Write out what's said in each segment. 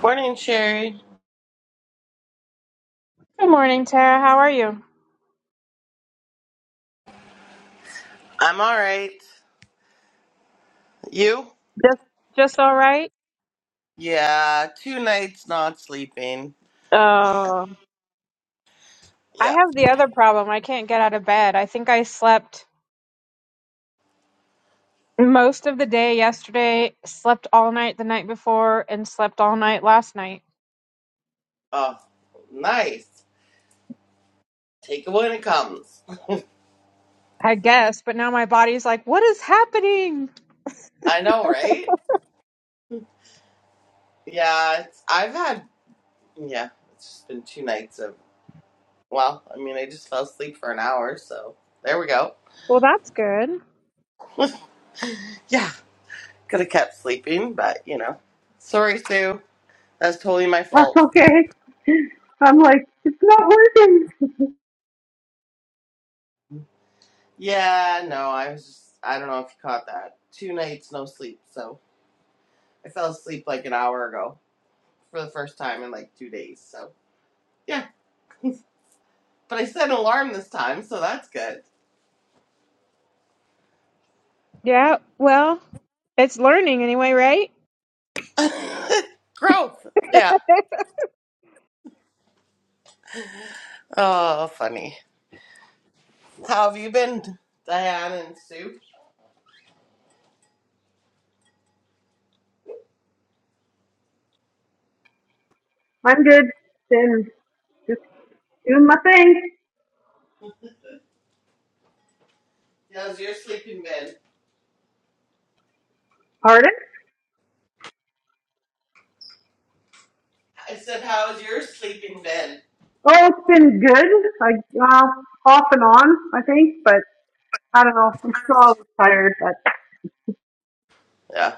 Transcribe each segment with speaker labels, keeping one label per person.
Speaker 1: Morning, Sherry.
Speaker 2: Good morning, Tara. How are you?
Speaker 1: I'm all right. You?
Speaker 2: Just just all right.
Speaker 1: Yeah, two nights not sleeping.
Speaker 2: Uh, I
Speaker 1: Yeah.
Speaker 2: have the other problem. I can't get out of bed. I think I slept most of the day yesterday, slept all night the night before, and slept all night last night.
Speaker 1: Oh, nice. Take it when it comes.
Speaker 2: I guess, but now my body's like, "What is happening?"
Speaker 1: I know, right? Yeah, it's, I've had, yeah, it's just been two nights of, well, I mean, I just fell asleep for an hour, so there we go.
Speaker 2: Well, that's good.
Speaker 1: Yeah, could have kept sleeping, but, you know. Sorry, Sue. That's totally my
Speaker 3: That's
Speaker 1: fault.
Speaker 3: okay. I'm like, it's not working.
Speaker 1: Yeah, no, I was just, I don't know if you caught that. Two nights, no sleep, so I fell asleep like an hour ago. for the first time in like two days. So yeah, but I set an alarm this time, so that's good.
Speaker 2: Yeah, well, it's learning anyway, right?
Speaker 1: Growth. Yeah. Oh, funny. How have you been, Diane and Sue?
Speaker 3: I'm good. Been just doing my thing.
Speaker 1: How's your sleeping been?
Speaker 3: Pardon?
Speaker 1: I said, how's your sleeping been?
Speaker 3: Oh, it's been good. Like, uh, off and on, I think, but I don't know. I'm still always tired, but
Speaker 1: Yeah.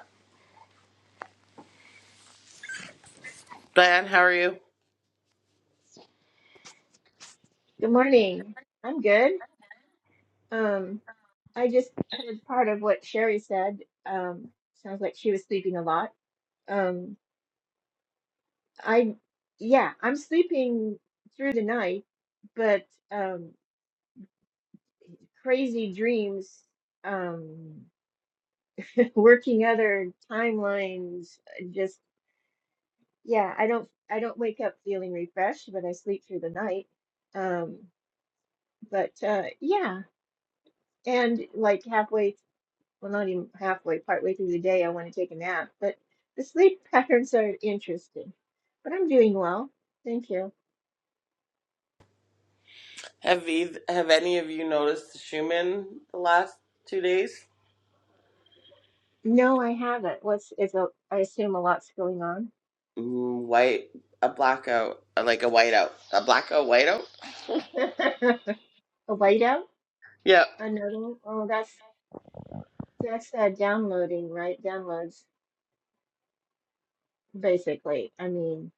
Speaker 1: Diane, how are you?
Speaker 4: Good morning. I'm good. Um, I just heard part of what Sherry said. Um, sounds like she was sleeping a lot. Um, I, yeah, I'm sleeping through the night, but um, crazy dreams, um, working other timelines, uh, just yeah, I don't I don't wake up feeling refreshed, but I sleep through the night. Um, but uh, yeah, and like halfway well, not even halfway, partway through the day, I want to take a nap. But the sleep patterns are interesting. But I'm doing well. Thank you.
Speaker 1: Have either, have any of you noticed the Schumann the last two days?
Speaker 4: No, I haven't. What's is a I assume a lot's going on.
Speaker 1: Mm, white, a blackout, uh, like a whiteout, a blackout whiteout.
Speaker 4: a whiteout?
Speaker 1: Yep.
Speaker 4: Another one? Oh, that's that's uh, downloading, right? Downloads, basically. I mean,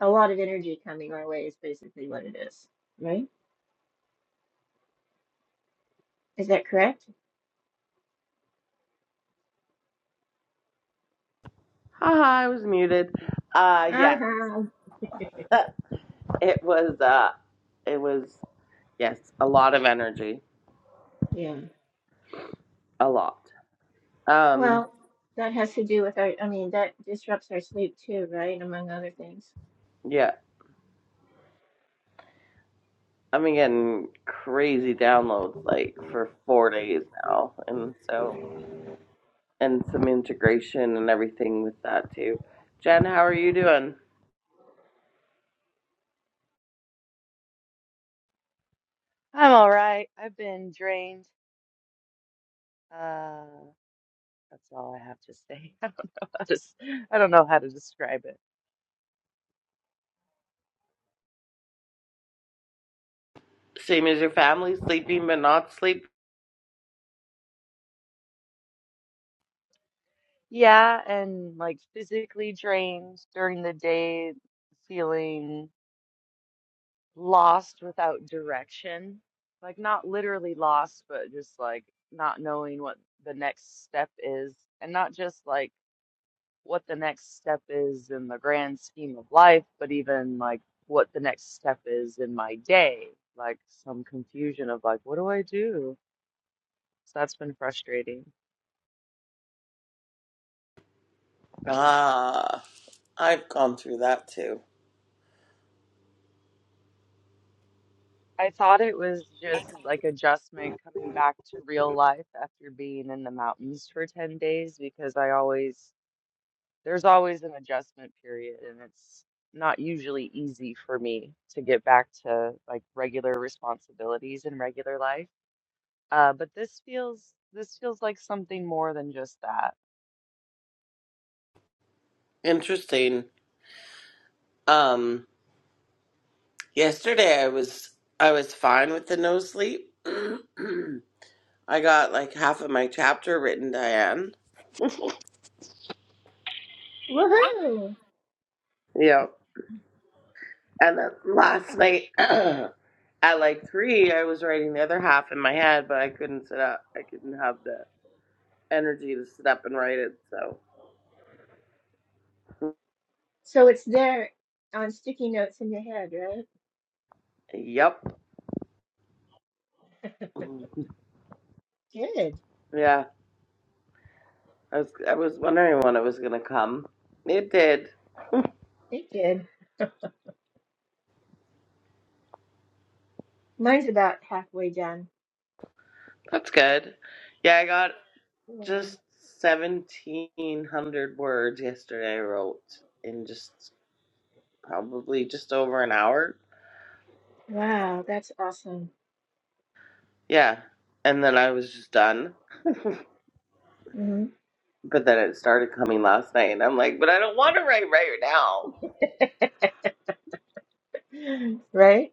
Speaker 4: a lot of energy coming our way is basically what it is, right? Is that correct?
Speaker 1: Haha, I was muted. Uh, yeah.
Speaker 4: Uh-huh.
Speaker 1: It was uh it was yes, a lot of energy.
Speaker 4: Yeah.
Speaker 1: A lot. Um
Speaker 4: Well, that has to do with our, I mean, that disrupts our sleep too, right? Among other things.
Speaker 1: yeah. I'm getting crazy downloads like for four days now. And so and some integration and everything with that too. Jen, how are you doing?
Speaker 5: I'm all right. I've been drained. Uh, that's all I have to say. I don't know how to, s- I don't know how to describe it.
Speaker 1: Same as your family, sleeping but not sleep.
Speaker 5: Yeah, and like physically drained during the day, feeling lost without direction. Like not literally lost, but just like not knowing what the next step is, and not just like what the next step is in the grand scheme of life, but even like what the next step is in my day, like some confusion of like, what do I do? So that's been frustrating.
Speaker 1: Ah I've gone through that too.
Speaker 5: I thought it was just like adjustment coming back to real life after being in the mountains for 10 days because I always, there's always an adjustment period and it's not usually easy for me to get back to like regular responsibilities and regular life Uh, but this feels this feels like something more than just that.
Speaker 1: Interesting. Um yesterday I was I was fine with the no sleep. I got like half of my chapter written, Diane.
Speaker 4: Woohoo!
Speaker 1: Yep. And then last night at like three, I was writing the other half in my head, but I couldn't sit up. I couldn't have the energy to sit up and write it. So,
Speaker 4: So it's there on sticky notes in your head, right?
Speaker 1: yep.
Speaker 4: Good.
Speaker 1: Yeah. I was I was wondering when it was gonna come. It did.
Speaker 4: Good, good. Mine's about halfway done.
Speaker 1: That's good. Yeah, I got
Speaker 4: Yeah.
Speaker 1: just seventeen hundred words yesterday. I wrote in just probably just over an hour. so.
Speaker 4: Wow, that's awesome.
Speaker 1: Yeah. And then I was just done.
Speaker 4: hmm
Speaker 1: But then it started coming last night. And I'm like, but I don't want to write right now.
Speaker 4: Right?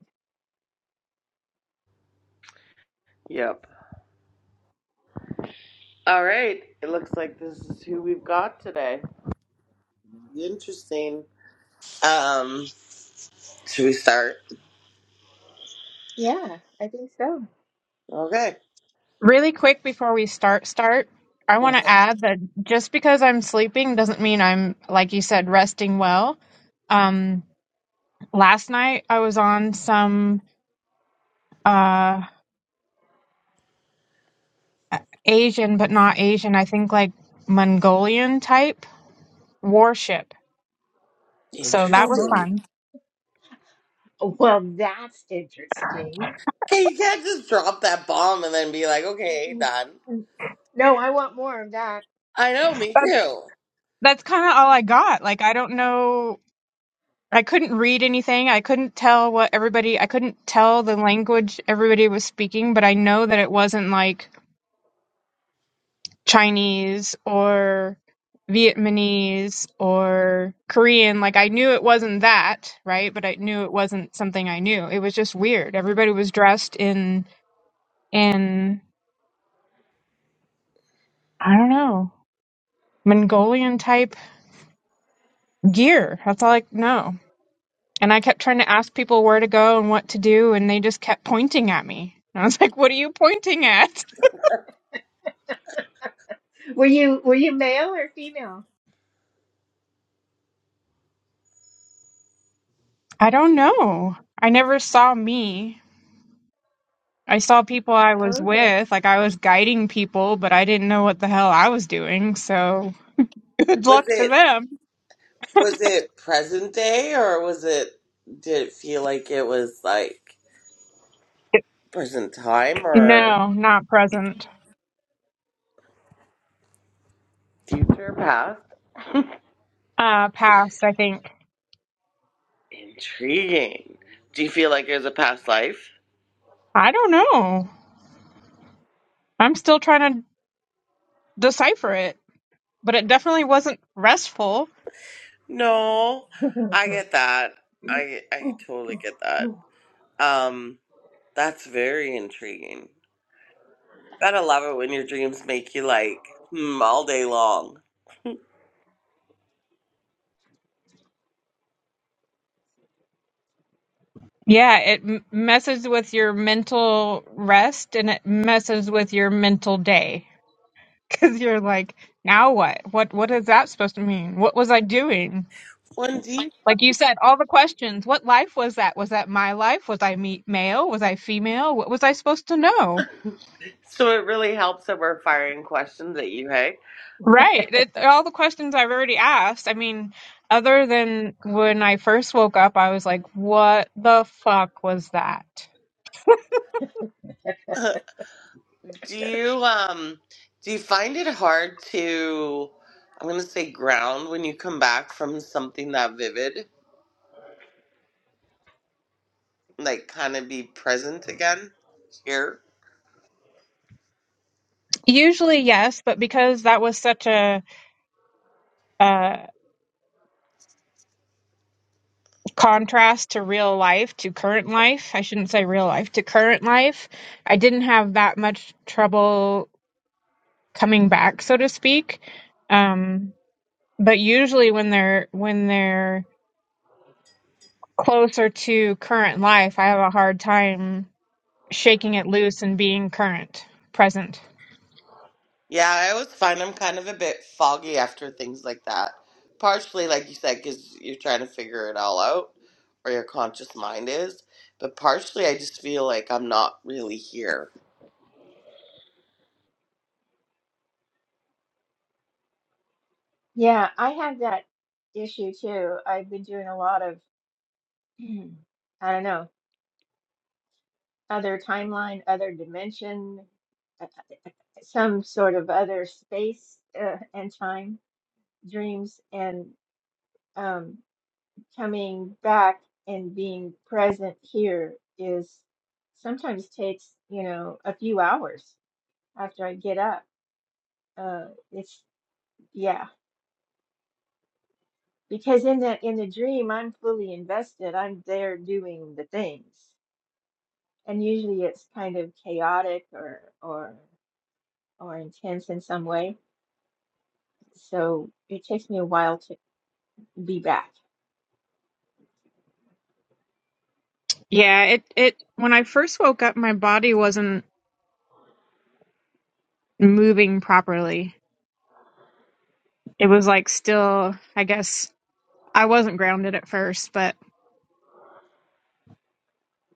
Speaker 1: Yep. All right. It looks like this is who we've got today. Interesting. Um, should we start?
Speaker 4: Yeah, I think so.
Speaker 1: Okay.
Speaker 2: Really quick before we start start, I want to add that just because I'm sleeping doesn't mean I'm like you said resting well. Um last night I was on some uh Asian but not Asian, I think like Mongolian type warship. So
Speaker 4: Oh
Speaker 2: that was
Speaker 4: my.
Speaker 1: Interesting.
Speaker 2: fun.
Speaker 4: Well, that's interesting.
Speaker 1: Hey, you can't just drop that bomb and then be like, okay, done.
Speaker 4: Mhm. No, I want more of that.
Speaker 1: I know, me
Speaker 2: That,
Speaker 1: too.
Speaker 2: that's kind of all I got. Like I don't know I couldn't read anything. I couldn't tell what everybody I couldn't tell the language everybody was speaking, but I know that it wasn't like Chinese or Vietnamese or Korean. Like I knew it wasn't that, right? But I knew it wasn't something I knew. It was just weird. Everybody was dressed in in I don't know, Mongolian type gear. That's all I know. And I kept trying to ask people where to go and what to do and they just kept pointing at me. And I was like, "What are you pointing at?"
Speaker 4: Were you were you male or female?
Speaker 2: I don't know. I never saw me I saw people I was
Speaker 4: Okay.
Speaker 2: with, like I was guiding people, but I didn't know what the hell I was doing. So good
Speaker 1: Was
Speaker 2: luck to
Speaker 1: it
Speaker 2: them.
Speaker 1: was it present day or was it did it feel like it was like present time or
Speaker 2: No, not present.
Speaker 1: Future past?
Speaker 2: Uh, past, I think.
Speaker 1: Intriguing. Do you feel like there's a past life?
Speaker 2: I don't know. I'm still trying to decipher it, but it definitely wasn't restful.
Speaker 1: No. I get that. I I totally get that. Um, that's very intriguing. Gotta love it when your dreams make you like, hmm, all day long.
Speaker 2: Yeah, it m- messes with your mental rest and it messes with your mental day because you're like, now what? What what is that supposed to mean? What was I doing?
Speaker 1: Lindsay.
Speaker 2: Like you said, all the questions. What life was that? Was that my life? Was I me- male? Was I female? What was I supposed to know?
Speaker 1: So it really helps that we're firing questions at you, hey?
Speaker 2: Right. It, all the questions I've already asked. I mean, other than when I first woke up, I was like, what the fuck was that?
Speaker 1: Do you um do you find it hard to I'm gonna say ground when you come back from something that vivid? like kind of be present again here.
Speaker 2: Usually, yes, but because that was such a uh, contrast to real life, to current life, I shouldn't say real life, to current life, I didn't have that much trouble coming back, so to speak. Um, but usually when they're when they're closer to current life, I have a hard time shaking it loose and being current, present.
Speaker 1: Yeah, I always find I'm kind of a bit foggy after things like that. Partially, like you said, because you're trying to figure it all out, or your conscious mind is. But partially, I just feel like I'm not really here.
Speaker 4: Yeah, I have that issue too. I've been doing a lot of Hmm. I don't know, other timeline, other dimension, uh, uh, some sort of other space uh, and time dreams, and um, coming back and being present here is sometimes takes, you know, a few hours after I get up. Uh, it's yeah, because in the in the dream, I'm fully invested. I'm there doing the things, and usually it's kind of chaotic or or. or intense in some way. So it takes me a while to be back.
Speaker 2: Yeah, it it when I first woke up, my body wasn't moving properly. It was like still, I guess I wasn't grounded at first, but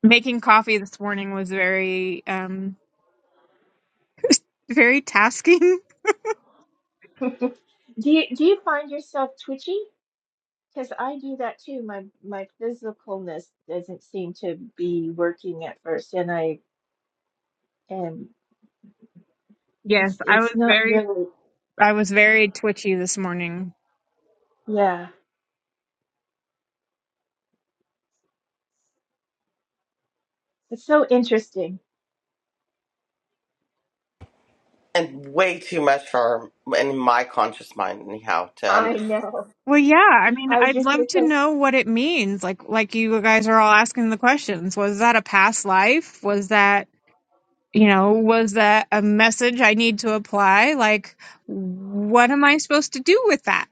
Speaker 2: making coffee this morning was very um very tasking
Speaker 4: Do you do you find yourself twitchy? Because I do that too. My my physicalness doesn't seem to be working at first, and I and
Speaker 2: Yes,
Speaker 4: it's
Speaker 2: I was
Speaker 4: it's not
Speaker 2: very
Speaker 4: really
Speaker 2: I was very twitchy this morning.
Speaker 4: yeah. It's so interesting.
Speaker 1: And way too much for in my conscious mind, anyhow, to
Speaker 4: I
Speaker 1: understand.
Speaker 4: know.
Speaker 2: Well, yeah, I mean,
Speaker 4: I was
Speaker 2: I'd
Speaker 4: just
Speaker 2: love
Speaker 4: gonna
Speaker 2: to know what it means. Like like you guys are all asking the questions. Was that a past life? Was that, you know, was that a message I need to apply? Like what am I supposed to do with that?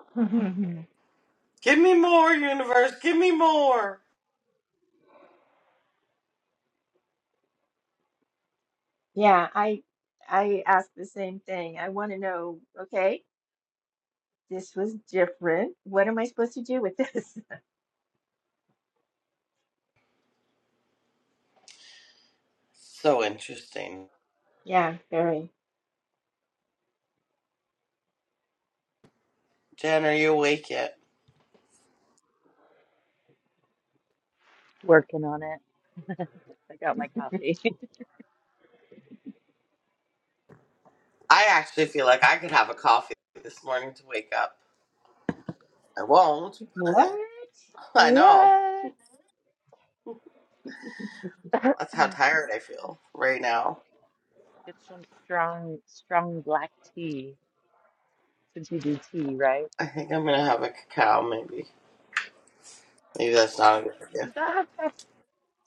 Speaker 4: say.
Speaker 1: Give me more, universe. Give me more.
Speaker 4: Yeah, I I ask the same thing. I want to know, okay, this was different. What am I supposed to do with this?
Speaker 1: So interesting.
Speaker 4: Yeah, very.
Speaker 1: Jen, are you awake yet?
Speaker 5: Working on it. I got my coffee.
Speaker 1: I actually feel like I could have a coffee this morning to wake up. I won't,
Speaker 4: What?
Speaker 1: but I, I know.
Speaker 5: What?
Speaker 1: That's how tired I feel right now.
Speaker 5: Get some strong, strong black tea since you do tea, right?
Speaker 1: I think I'm gonna have a cacao, maybe. Maybe that's not a good idea.
Speaker 5: Does that have caf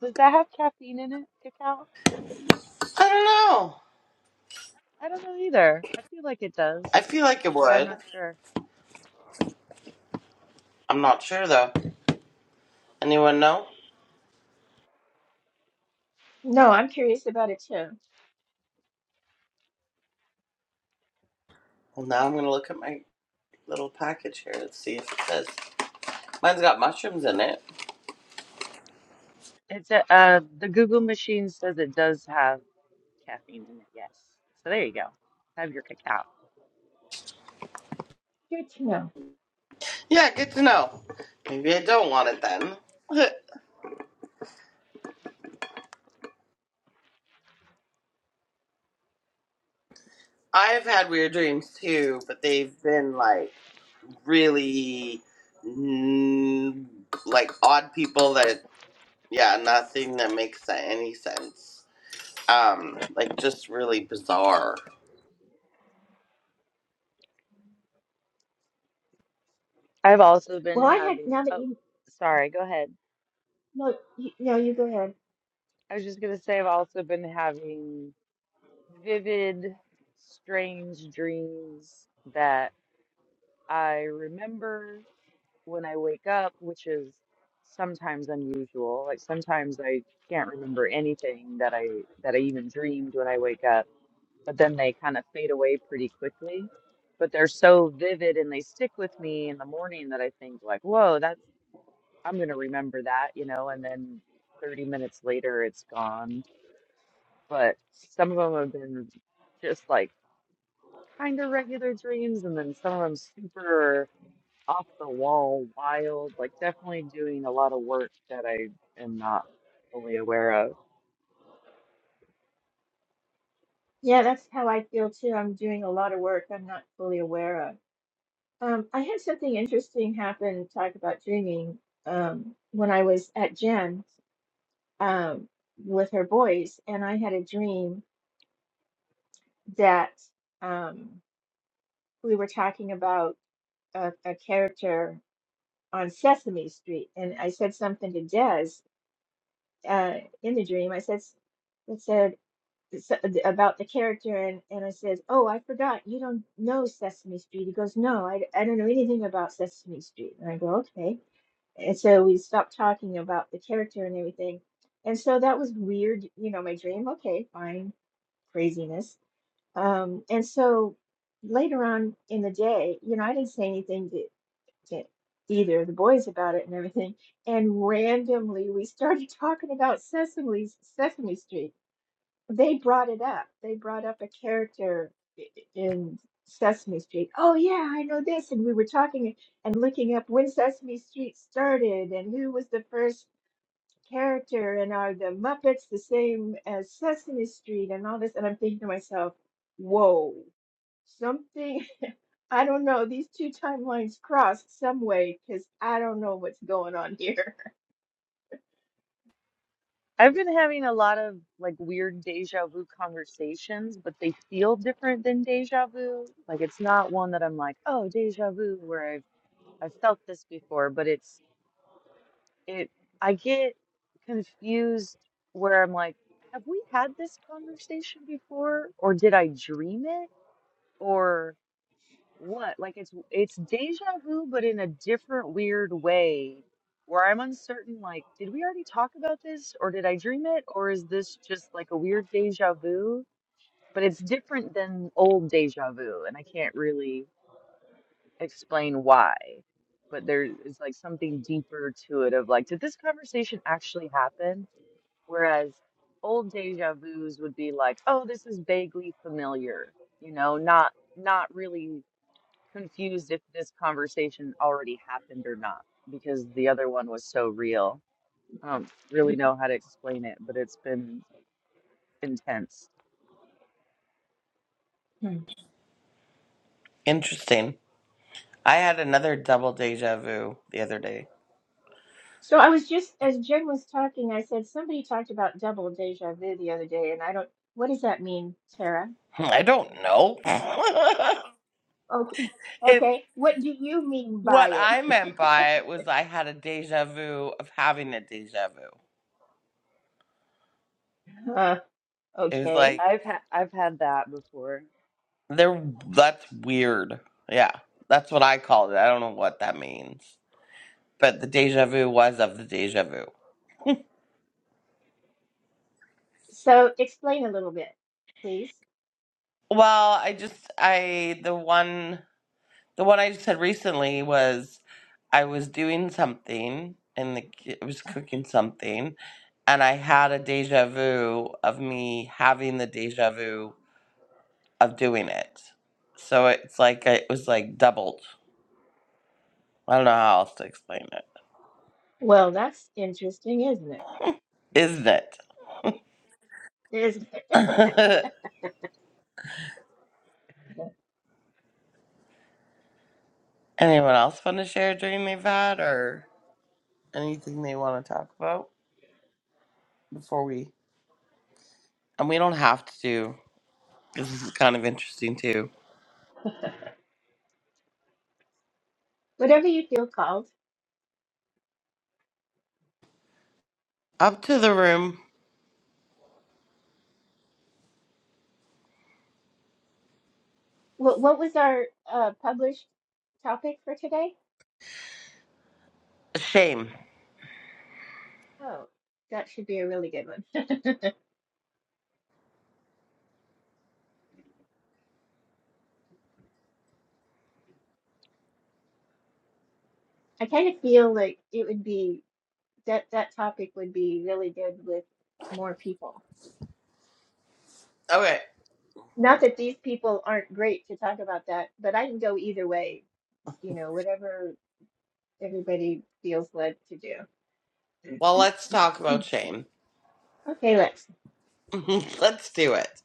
Speaker 5: does that have caffeine in it, cacao?
Speaker 1: I don't know.
Speaker 5: I don't know either. I feel like it does,
Speaker 1: I feel like it
Speaker 5: but I'm
Speaker 1: would.
Speaker 5: not sure.
Speaker 1: I'm not sure though. Anyone know?
Speaker 4: No, I'm curious about it too.
Speaker 1: Well, now I'm gonna look at my little package here and see if it says. Mine's got mushrooms in it.
Speaker 5: It's a, uh, the Google machine says it does have caffeine in it, yes. So there you go. Have your cacao.
Speaker 4: Good to know.
Speaker 1: Yeah, good to know. Maybe I don't want it then. I've had weird dreams too, but they've been like really mm, like odd people that Yeah, nothing that makes any sense. Um, like just really bizarre.
Speaker 5: I've also
Speaker 4: Well,
Speaker 5: been
Speaker 4: I had
Speaker 5: having,
Speaker 4: now that
Speaker 5: oh,
Speaker 4: you
Speaker 5: sorry, go ahead.
Speaker 4: no, you, no, you go ahead.
Speaker 5: I was just gonna say I've also been having vivid, strange dreams that I remember when I wake up, which is sometimes unusual. Like sometimes I can't remember anything that I that I even dreamed when I wake up, but then they kind of fade away pretty quickly. But they're so vivid and they stick with me in the morning that I think like, whoa, that's I'm gonna remember that, you know, and then 30 minutes later it's gone but some of them have been just like kind of regular dreams, and then some of them super off the wall, wild, like definitely doing a lot of work that I am not fully aware of.
Speaker 4: Yeah, that's how I feel too. I'm doing a lot of work I'm not fully aware of. Um, I had something interesting happen. Talk about dreaming. Um, when I was at Jen's um, with her boys, and I had a dream that um, we were talking about a, a character on Sesame Street, and I said something to Des, uh, in the dream. I says, it said it's, uh, about the character, and, and I says, oh, I forgot. You don't know Sesame Street. He goes, no, I, I don't know anything about Sesame Street. And I go, okay. And so we stopped talking about the character and everything. And so that was weird, you know, my dream. Okay, fine, craziness. Um, and so later on in the day, you know, I didn't say anything to either of the boys about it and everything. And randomly, we started talking about Sesame Sesame Street. They brought it up. They brought up a character i- i- in Sesame Street. Oh yeah, I know this. And we were talking and looking up when Sesame Street started and who was the first character and are the Muppets the same as Sesame Street and all this. And I'm thinking to myself, whoa, something I don't know. These two timelines crossed some way because I don't know what's going on here.
Speaker 5: I've been having a lot of like weird deja vu conversations, but they feel different than deja vu. Like it's not one that I'm like, oh, deja vu, where I've I've felt this before, but it's it I get confused where I'm like, have we had this conversation before? Or did I dream it? Or what? Like it's it's deja vu, but in a different weird way where I'm uncertain, like, did we already talk about this? Or did I dream it? Or is this just like a weird deja vu? But it's different than old deja vu, and I can't really explain why. But there is like something deeper to it of like, did this conversation actually happen? Whereas old deja vus would be like, oh, this is vaguely familiar, you know, not not really confused if this conversation already happened or not, because the other one was so real. I don't really know how to explain it, but it's been intense.
Speaker 1: Interesting. I had another double deja vu the other day.
Speaker 4: So I was just, as Jen was talking, I said somebody talked about double deja vu the other day, and I don't, what does that mean, Tara?
Speaker 1: I don't know.
Speaker 4: Okay.
Speaker 1: it,
Speaker 4: Okay. What do you mean
Speaker 1: what
Speaker 4: by
Speaker 1: I meant
Speaker 4: it?
Speaker 1: by it was I had a deja vu of having a deja vu.
Speaker 4: Huh,
Speaker 1: It was
Speaker 4: okay.
Speaker 1: like
Speaker 5: I've had I've had that before.
Speaker 1: they're that's weird. Yeah, that's what I called it. I don't know what that means, but the deja vu was of the deja vu.
Speaker 4: So explain a little bit, please.
Speaker 1: Well, I just I the one. The one I said recently was I was doing something and the, ki- I was cooking something, and I had a deja vu of me having the deja vu of doing it. So it's like it was like doubled. I don't know how else to explain it,
Speaker 4: Well, that's interesting, isn't it?
Speaker 1: isn't it?
Speaker 4: There's
Speaker 1: Anyone else want to share a dream they've had or anything they want to talk about before we? And we don't have to do. This is kind of interesting too.
Speaker 4: whatever you feel called.
Speaker 1: Up to the room.
Speaker 4: What, what was our uh, published topic for today?
Speaker 1: Shame.
Speaker 4: Oh, that should be a really good one. I kind of feel like it would be that that topic would be really good with more people.
Speaker 1: Okay.
Speaker 4: Not that these people aren't great to talk about that, but I can go either way, you know, whatever everybody feels led to do.
Speaker 1: Well, let's talk about shame.
Speaker 4: Okay, Lex.
Speaker 1: let's do it.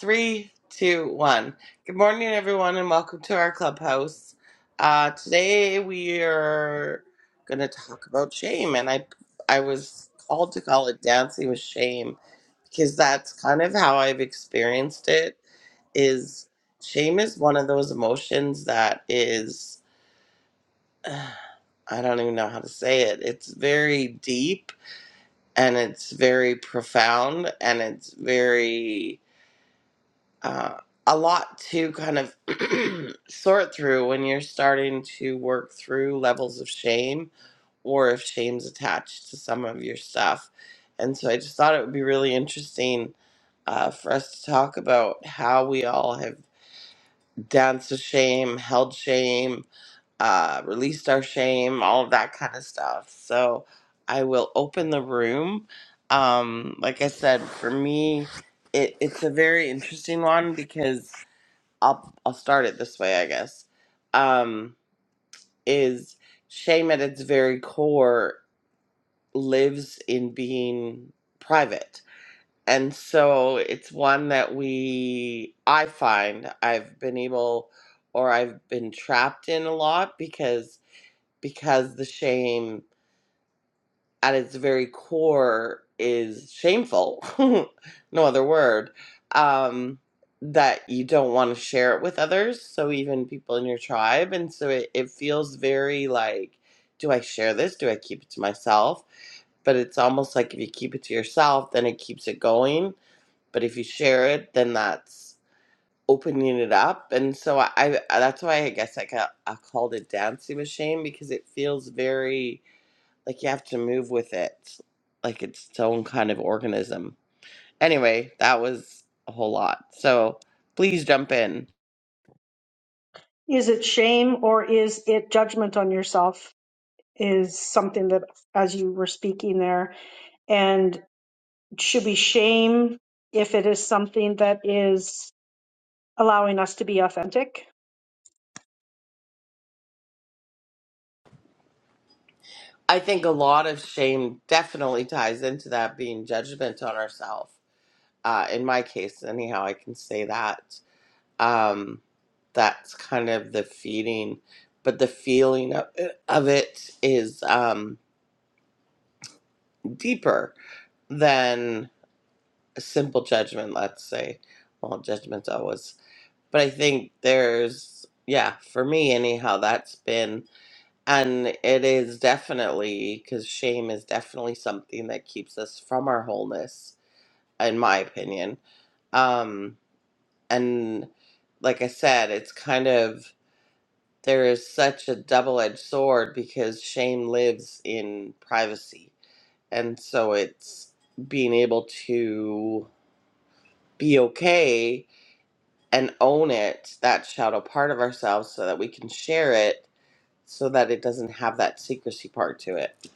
Speaker 1: Three, two, one. Good morning, everyone, and welcome to our clubhouse. Uh, today we are going to talk about shame, and I I was called to call it dancing with shame because that's kind of how I've experienced it. Is shame is one of those emotions that is I don't even know how to say it. It's very deep and it's very profound and it's very uh, a lot to kind of sort through when you're starting to work through levels of shame or if shame's attached to some of your stuff and so i just thought it would be really interesting uh, for us to talk about how we all have danced with shame held shame uh, released our shame, all of that kind of stuff. So I will open the room. Um, like I said, for me, it, it's a very interesting one because I'll I'll start it this way, I guess. Um, is shame at its very core lives in being private. And so it's one that we I find I've been able or I've been trapped in a lot because because the shame at its very core is shameful no other word um that you don't want to share it with others so even people in your tribe and so it, it feels very like do i share this do i keep it to myself but it's almost like if you keep it to yourself then it keeps it going but if you share it then that's opening it up and so i, I that's why i guess i got i called it dancing with shame because it feels very like you have to move with it, like its its own kind of organism. Anyway, that was a whole lot. So please jump in.
Speaker 3: Is it shame or is it judgment on yourself? Is something that, as you were speaking there, and should be shame if it is something that is allowing us to be authentic.
Speaker 1: I think a lot of shame definitely ties into that being judgment on ourselves. Uh, in my case, anyhow, I can say that. Um, that's kind of the feeding, but the feeling of, of it is um, deeper than a simple judgment, let's say. Well, judgment's always but I think there's, yeah, for me anyhow, that's been, and it is definitely, because shame is definitely something that keeps us from our wholeness, in my opinion. Um, and like I said, it's kind of, there is such a double edged sword because shame lives in privacy. And so it's being able to be okay and own it, that shadow part of ourselves, so that we can share it so that it doesn't have that secrecy part to it.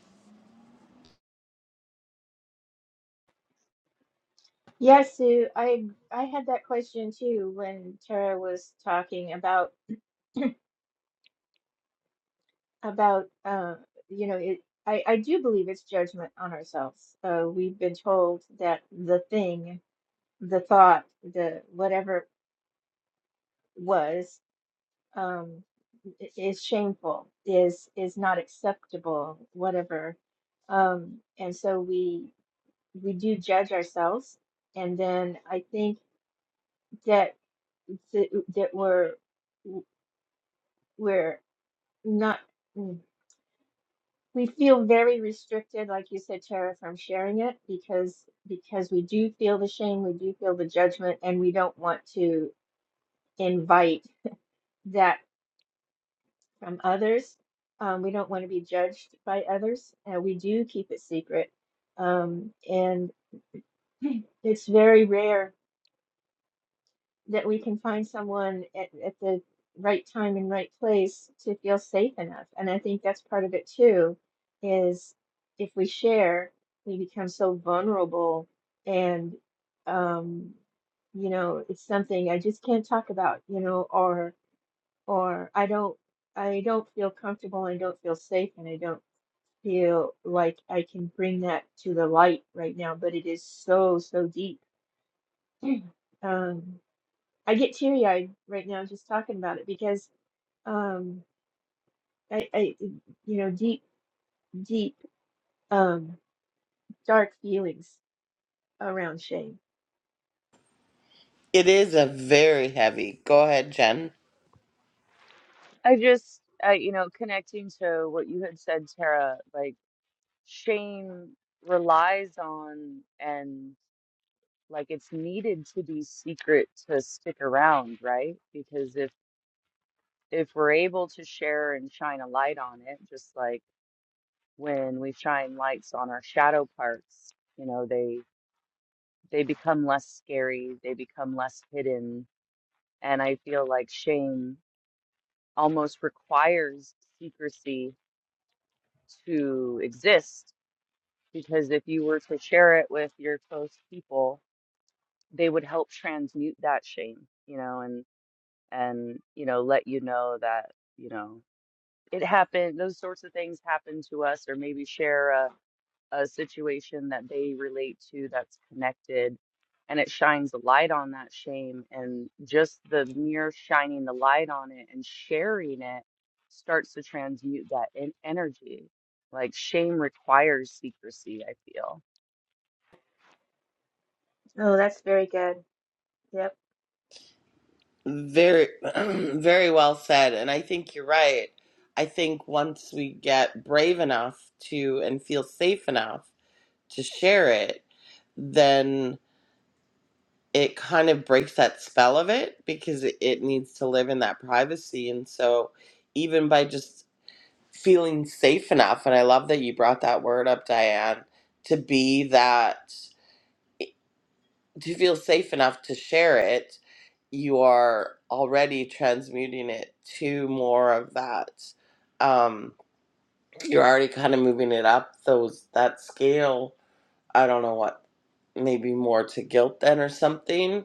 Speaker 4: Yes, Sue, I I had that question too when Tara was talking about about uh, you know, it I I do believe it's judgment on ourselves. Uh, we've been told that the thing the thought, the whatever it was, um, i- is shameful, is is not acceptable, whatever. Um, and so we we do judge ourselves, and then I think that that, that we're we're not mm, we feel very restricted, like you said, Tara, from sharing it because because we do feel the shame, we do feel the judgment, and we don't want to invite that from others. Um, we don't want to be judged by others, and we do keep it secret. Um, and it's very rare that we can find someone at, at the right time and right place to feel safe enough. And I think that's part of it too, is if we share, we become so vulnerable and um, you know, it's something I just can't talk about, you know, or or I don't I don't feel comfortable, and don't feel safe, and I don't feel like I can bring that to the light right now, but it is so, so deep. Um, I get teary-eyed right now just talking about it because um, I, I, you know, deep, deep, um, dark feelings around shame.
Speaker 1: It is a very heavy. Go ahead, Jen.
Speaker 5: I just uh, you know, connecting to what you had said, Tara, like shame relies on and Like it's needed to be secret to stick around, right? Because if if we're able to share and shine a light on it, just like when we shine lights on our shadow parts, you know, they they become less scary, they become less hidden. And I feel like shame almost requires secrecy to exist because if you were to share it with your close people, they would help transmute that shame, you know, and. and you know let you know that you know it happened those sorts of things happen to us or maybe share a, a situation that they relate to that's connected and it shines a light on that shame and just the mere shining the light on it and sharing it starts to transmute that in- energy like shame requires secrecy i feel
Speaker 4: Oh, that's very good. Yep,
Speaker 1: Very, very well said. And I think you're right. I think once we get brave enough to and feel safe enough to share it, then it kind of breaks that spell of it because it, it needs to live in that privacy. And so, even by just feeling safe enough and i love that you brought that word up diane to be that to feel safe enough to share it you are already transmuting it to more of that um you're already kind of moving it up those that scale i don't know what maybe more to guilt then or something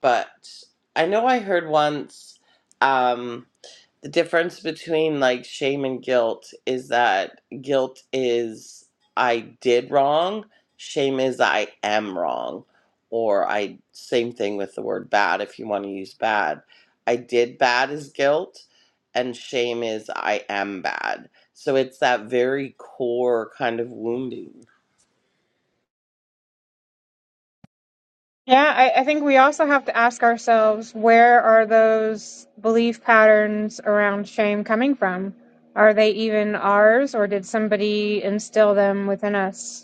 Speaker 1: but i know i heard once um, the difference between like shame and guilt is that guilt is I did wrong, shame is I am wrong, or I same thing with the word bad if you want to use bad. I did bad is guilt, and shame is I am bad. So it's that very core kind of wounding.
Speaker 2: Yeah, I, I think we also have to ask ourselves where are those belief patterns around shame coming from? Are they even ours, or did somebody instill them within us?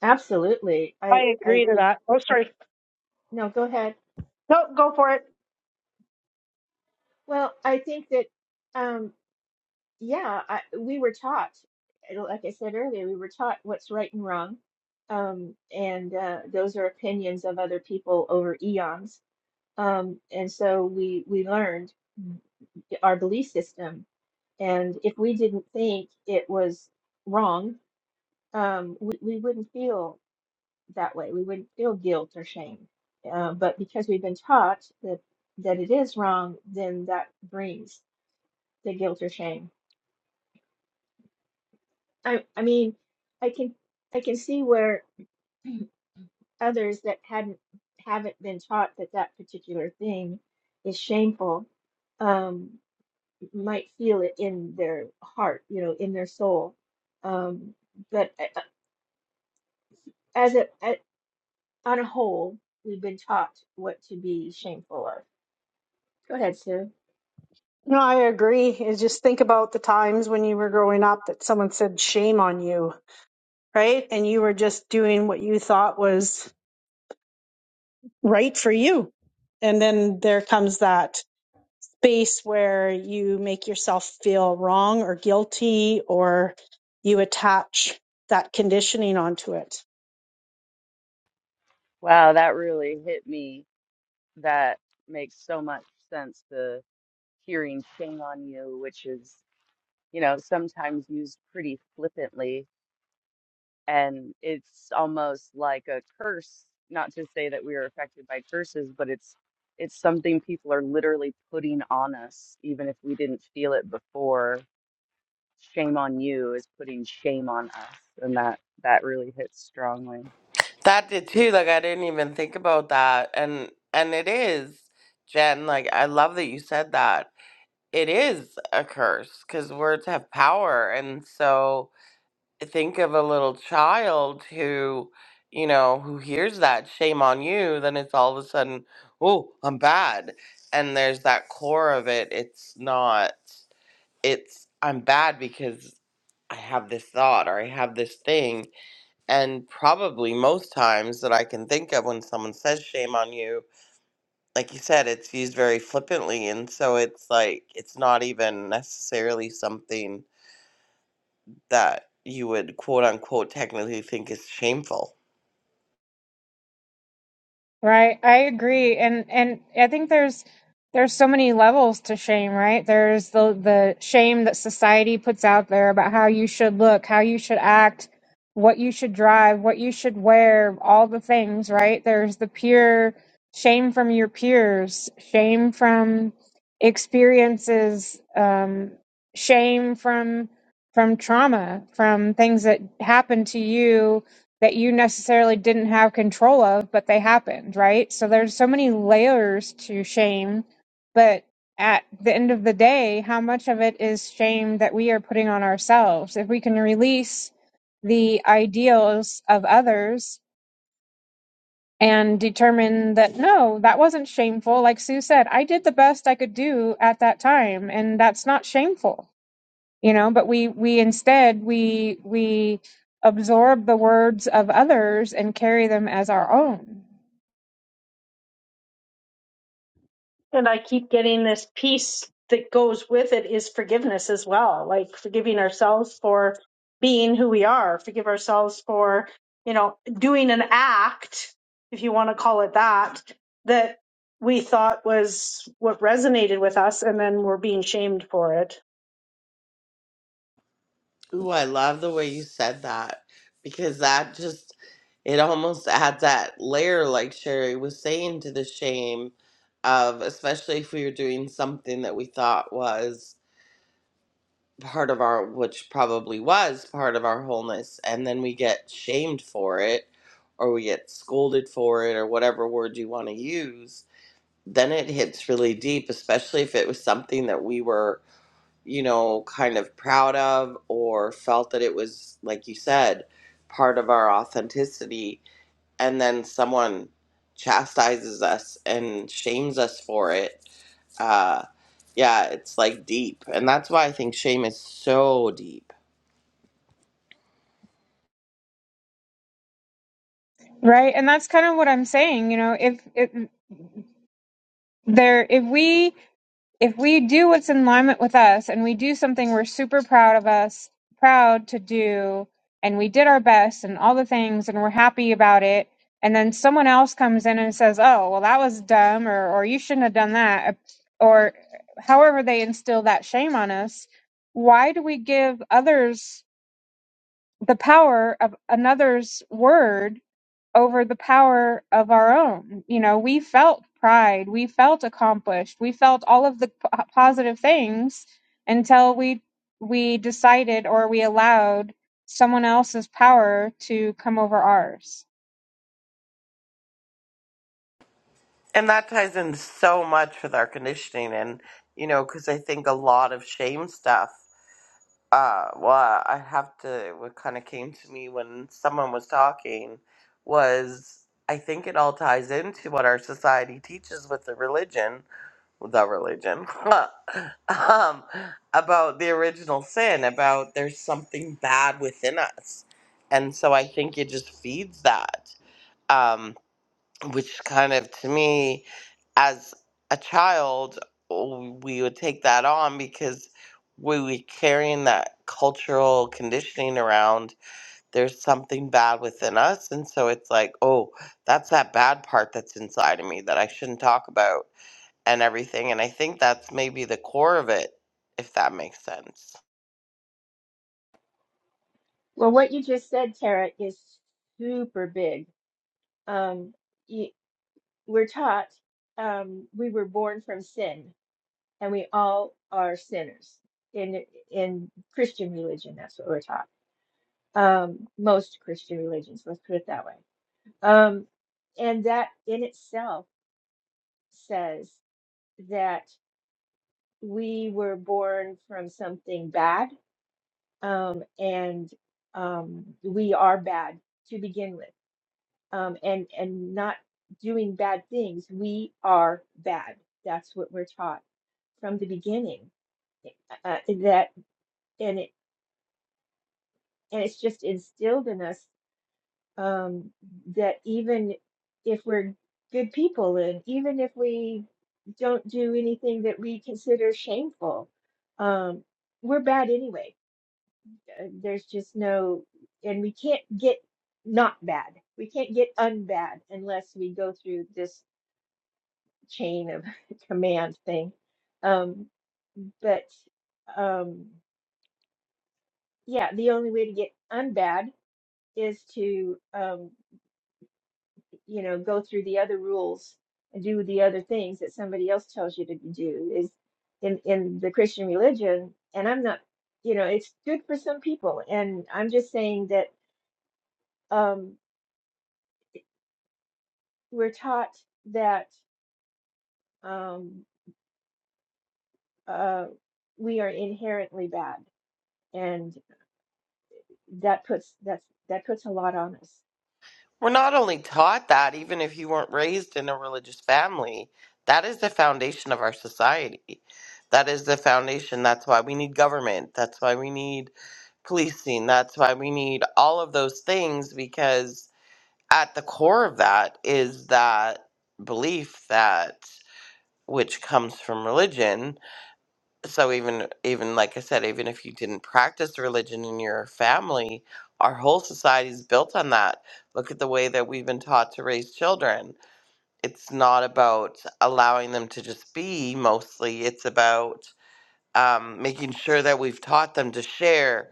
Speaker 4: absolutely. I,
Speaker 3: I
Speaker 4: I
Speaker 3: agree to
Speaker 4: think,
Speaker 3: that. Oh, sorry.
Speaker 4: no, go ahead.
Speaker 3: No, go for it.
Speaker 4: Well, I think that. um, yeah, I, we were taught, like I said earlier, we were taught what's right and wrong. Um, and uh, those are opinions of other people over eons. Um, and so we we learned our belief system. And if we didn't think it was wrong, um, we, we wouldn't feel that way. We wouldn't feel guilt or shame. Uh, but because we've been taught that that it is wrong, then that brings the guilt or shame I I mean, I can I can see where others that hadn't haven't been taught that that particular thing is shameful um might feel it in their heart, you know, in their soul. Um, but a- a- as a, a on a whole, we've been taught what to be shameful of. Go ahead, Sue.
Speaker 3: No, I agree. Is just think about the times when you were growing up that someone said shame on you, right? And you were just doing what you thought was right for you. And then there comes that space where you make yourself feel wrong or guilty or you attach that conditioning onto it.
Speaker 5: wow that really hit me that makes so much sense The hearing shame on you, which is you know, sometimes used pretty flippantly. And it's almost like a curse, not to say that we are affected by curses, but it's it's something people are literally putting on us, even if we didn't feel it before. Shame on you is putting shame on us, and that that really hits strongly.
Speaker 1: That did too. Like I didn't even think about that, and and it is, Jen. Like I love that you said that it is a curse because words have power. And so think of a little child who, you know, who hears that shame on you, then it's all of a sudden, oh, I'm bad. And there's that core of it. It's not, it's, I'm bad because I have this thought or I have this thing. And probably most times that I can think of when someone says shame on you, like you said, it's used very flippantly. And so it's like, it's not even necessarily something that you would quote unquote technically think is shameful.
Speaker 2: Right, I agree, and and I think there's there's so many levels to shame, right? There's the the shame that society puts out there about how you should look, how you should act, what you should drive, what you should wear, all the things, right? There's the pure shame from your peers, shame from experiences, um, shame from from trauma, from things that happen to you that you necessarily didn't have control of, but they happened, right? So there's so many layers to shame, but at the end of the day, how much of it is shame that we are putting on ourselves? If we can release the ideals of others and determine that no, that wasn't shameful, like Sue said, I did the best I could do at that time, and that's not shameful you know but we we instead we we absorb the words of others and carry them as our own
Speaker 3: And I keep getting this peace that goes with it is forgiveness as well, like forgiving ourselves for being who we are, forgive ourselves for, you know, doing an act, if you want to call it that, that we thought was what resonated with us and then we're being shamed for it.
Speaker 1: Ooh, I love the way you said that because that just, it almost adds that layer, like Sherry was saying, to the shame of, especially if we were doing something that we thought was. part of our which probably was part of our wholeness and then we get shamed for it or we get scolded for it or whatever word you want to use then it hits really deep especially if it was something that we were you know kind of proud of or felt that it was like you said part of our authenticity and then someone chastises us and shames us for it uh yeah it's like deep and that's why i think shame is so deep
Speaker 2: right and that's kind of what i'm saying you know if, if there if we if we do what's in alignment with us and we do something we're super proud of us proud to do and we did our best and all the things and we're happy about it and then someone else comes in and says oh well that was dumb or or you shouldn't have done that uh, or however they instill that shame on us why do we give others the power of another's word over the power of our own. You know, we felt pride, we felt accomplished, we felt all of the p- uh, positive things until we we decided or we allowed someone else's power to come over ours.
Speaker 1: And that ties in so much with our conditioning, and you know, because I think a lot of shame stuff. Uh, well, I have to. What kind of came to me when someone was talking was I think it all ties into what our society teaches with the religion, the religion, um, about the original sin, about there's something bad within us, and so I think it just feeds that. um, which kind of to me as a child we would take that on because we were carrying that cultural conditioning around there's something bad within us and so it's like oh that's that bad part that's inside of me that i shouldn't talk about and everything and i think that's maybe the core of it if that makes sense
Speaker 4: Well, what you just said, Tara, is super big. Um, you, we're taught um, we were born from sin and we all are sinners in in Christian religion. That's what we're taught. Um, most Christian religions, let's put it that way. Um, and that in itself says that we were born from something bad, um, and um, we are bad to begin with. Um, and and not doing bad things, we are bad. That's what we're taught from the beginning. eh, Uh, that and it and it's just instilled in us um, that even if we're good people and even if we don't do anything that we consider shameful, um, we're bad anyway. Uh, There's just no, and we can't get not bad. We can't get unbad unless we go through this chain of command thing. Um, but um, yeah, the only way to get unbad is to um, you know, go through the other rules and do the other things that somebody else tells you to do is in in the Christian religion. And I'm not, you know, it's good for some people. And I'm just saying that um, we're taught that um, uh, we are inherently bad, and that puts that's that puts a lot on us.
Speaker 1: We're not only taught that, even if you weren't raised in a religious family, that is the foundation of our society. That is the foundation. That's why we need government. That's why we need policing. That's why we need all of those things because at the core of that is that belief that which comes from religion so even even like i said even if you didn't practice religion in your family our whole society is built on that look at the way that we've been taught to raise children it's not about allowing them to just be mostly it's about um, making sure that we've taught them to share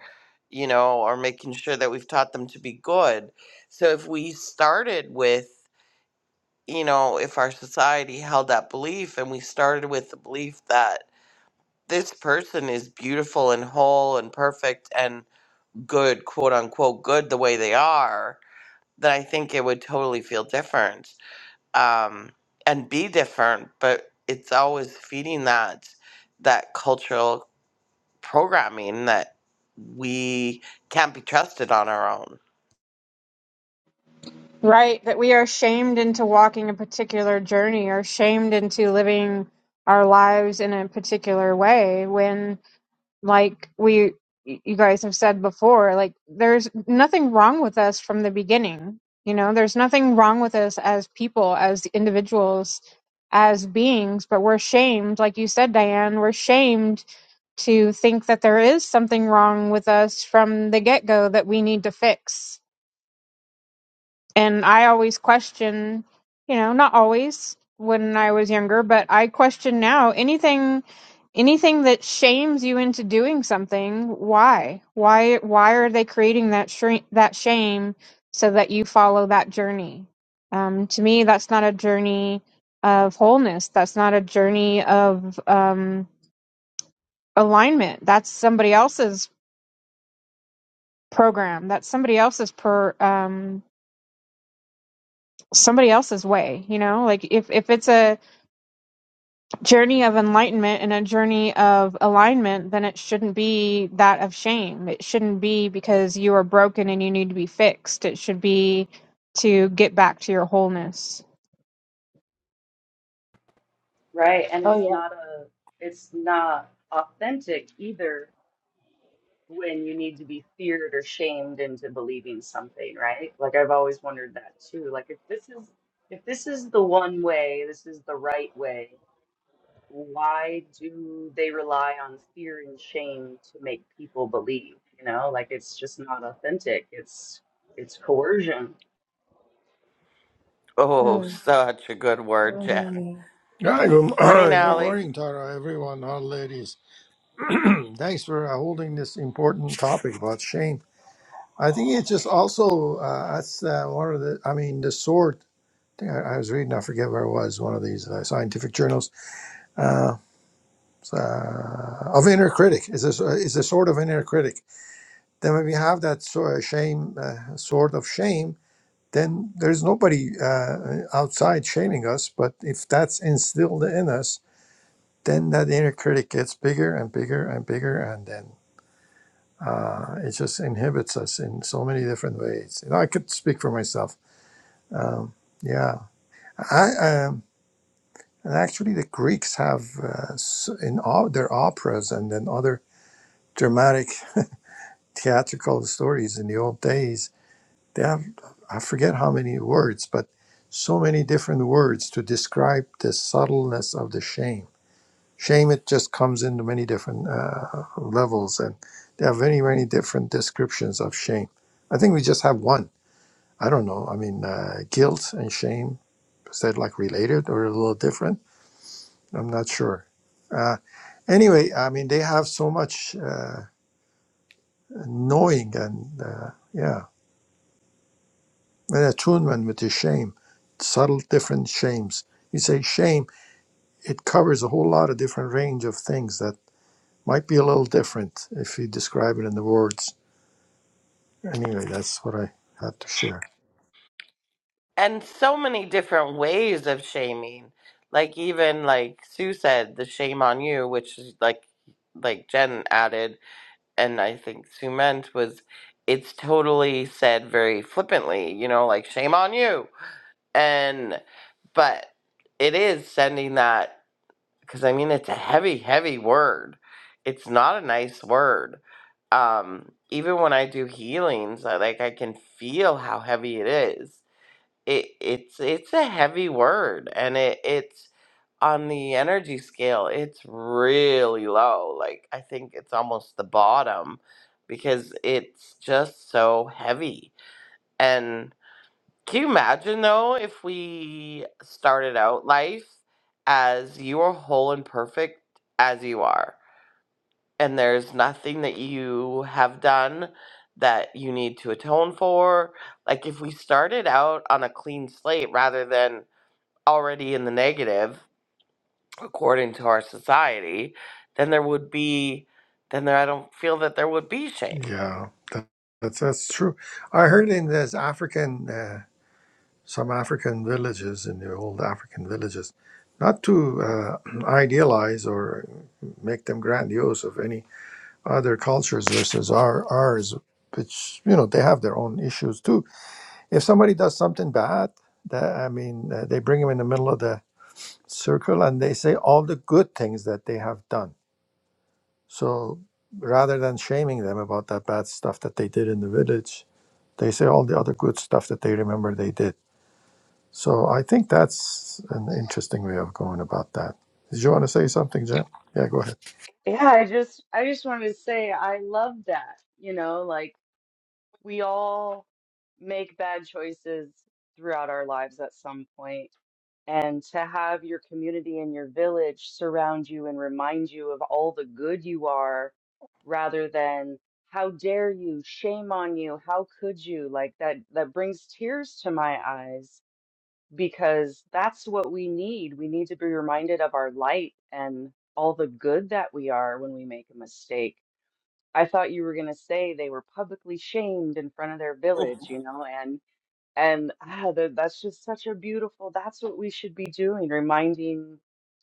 Speaker 1: you know or making sure that we've taught them to be good so if we started with you know if our society held that belief and we started with the belief that this person is beautiful and whole and perfect and good, quote unquote, good the way they are, then I think it would totally feel different um, and be different. But it's always feeding that that cultural programming that we can't be trusted on our own.
Speaker 2: Right, that we are shamed into walking a particular journey or shamed into living our lives in a particular way when like we you guys have said before like there's nothing wrong with us from the beginning you know there's nothing wrong with us as people as individuals as beings but we're shamed like you said Diane we're shamed to think that there is something wrong with us from the get-go that we need to fix and I always question, you know, not always when I was younger, but I question now anything anything that shames you into doing something, why? Why why are they creating that shre- that shame so that you follow that journey? Um to me that's not a journey of wholeness. That's not a journey of um alignment. That's somebody else's program. That's somebody else's per um somebody else's way, you know? Like if if it's a journey of enlightenment and a journey of alignment, then it shouldn't be that of shame. It shouldn't be because you are broken and you need to be fixed. It should be to get back to your wholeness.
Speaker 5: Right, and it's
Speaker 4: Oh
Speaker 5: not a it's not authentic either when you need to be feared or shamed into believing something, right? Like I've always wondered that too. Like if this is if this is the one way, this is the right way, why do they rely on fear and shame to make people believe? You know, like it's just not authentic. It's it's coercion.
Speaker 4: yeah.
Speaker 1: Oh,
Speaker 4: Mm.
Speaker 1: such a good word, Jen.
Speaker 4: Mm.
Speaker 6: Hi, good,
Speaker 1: Morning,
Speaker 6: good
Speaker 4: Yeah,
Speaker 1: Allie.
Speaker 6: morning, Tara, everyone, all ladies. Thanks for uh, holding this important topic about shame. I think it's just also uh, that's uh, one of the. I mean, the sword. I I was reading. I forget where it was. One of these uh, scientific journals uh, uh, of inner critic. Is this uh, is a sword of inner critic? Then when we have that sort of shame, uh, sword of shame, then there's nobody uh, outside shaming us. But if that's instilled in us, then that inner critic gets bigger and bigger and bigger, and then uh, it just inhibits us in so many different ways. You know, I could speak for myself. Um, yeah, I um, and actually the Greeks have uh, s- in all their operas and then other dramatic theatrical stories in the old days. They have I forget how many words, but so many different words to describe the subtleness of the shame Shame it just comes into many different uh, levels, and there are very many different descriptions of shame. I think we just have one. I don't know. I mean, uh, guilt and shame is that like related or a little different? I'm not sure. Uh, anyway, I mean, they have so much uh, knowing and uh, yeah, an attunement with the shame, subtle different shames. You say shame, it covers a whole lot of different range of things that might be a little different if you describe it in the words Anyway, that's what I had to share.
Speaker 1: and so many different ways of shaming like even like sue said the shame on you which is like like jen added and i think sue meant was it's totally said very flippantly you know like shame on you and but it is sending that because i mean it's a heavy heavy word it's not a nice word um even when i do healings I, like i can feel how heavy it is it it's it's a heavy word and it it's on the energy scale it's really low like i think it's almost the bottom because it's just so heavy and can you imagine though if we started out life as you are whole and perfect as you are and there's nothing that you have done that you need to atone for like if we started out on a clean slate rather than already in the negative according to our society then there would be then there i don't feel that there would be shame
Speaker 6: Yeah, that, that's that's true. I heard in there's African uh, some African villages in the old African villages, not to uh, idealize or make them grandiose of any other cultures versus our ours, which you know they have their own issues too. If somebody does something bad, that I mean, uh, they bring them in the middle of the circle and they say all the good things that they have done So rather than shaming them about that bad stuff that they did in the village, they say all the other good stuff that they remember they did. So I think that's an interesting way of going about that. Did you want to say something, Jen? Yeah, go ahead.
Speaker 5: Yeah, I just I just wanted to say I love that. You know, like We all make bad choices throughout our lives at some point. And to have your community and your village surround you and remind you of all the good you are rather than how dare you, shame on you, how could you? Like that that brings tears to my eyes because that's what we need. We need to be reminded of our light and all the good that we are when we make a mistake I thought you were going to say they were publicly shamed in front of their village, you know, and and ah, that that's just such a beautiful, that's what we should be doing, reminding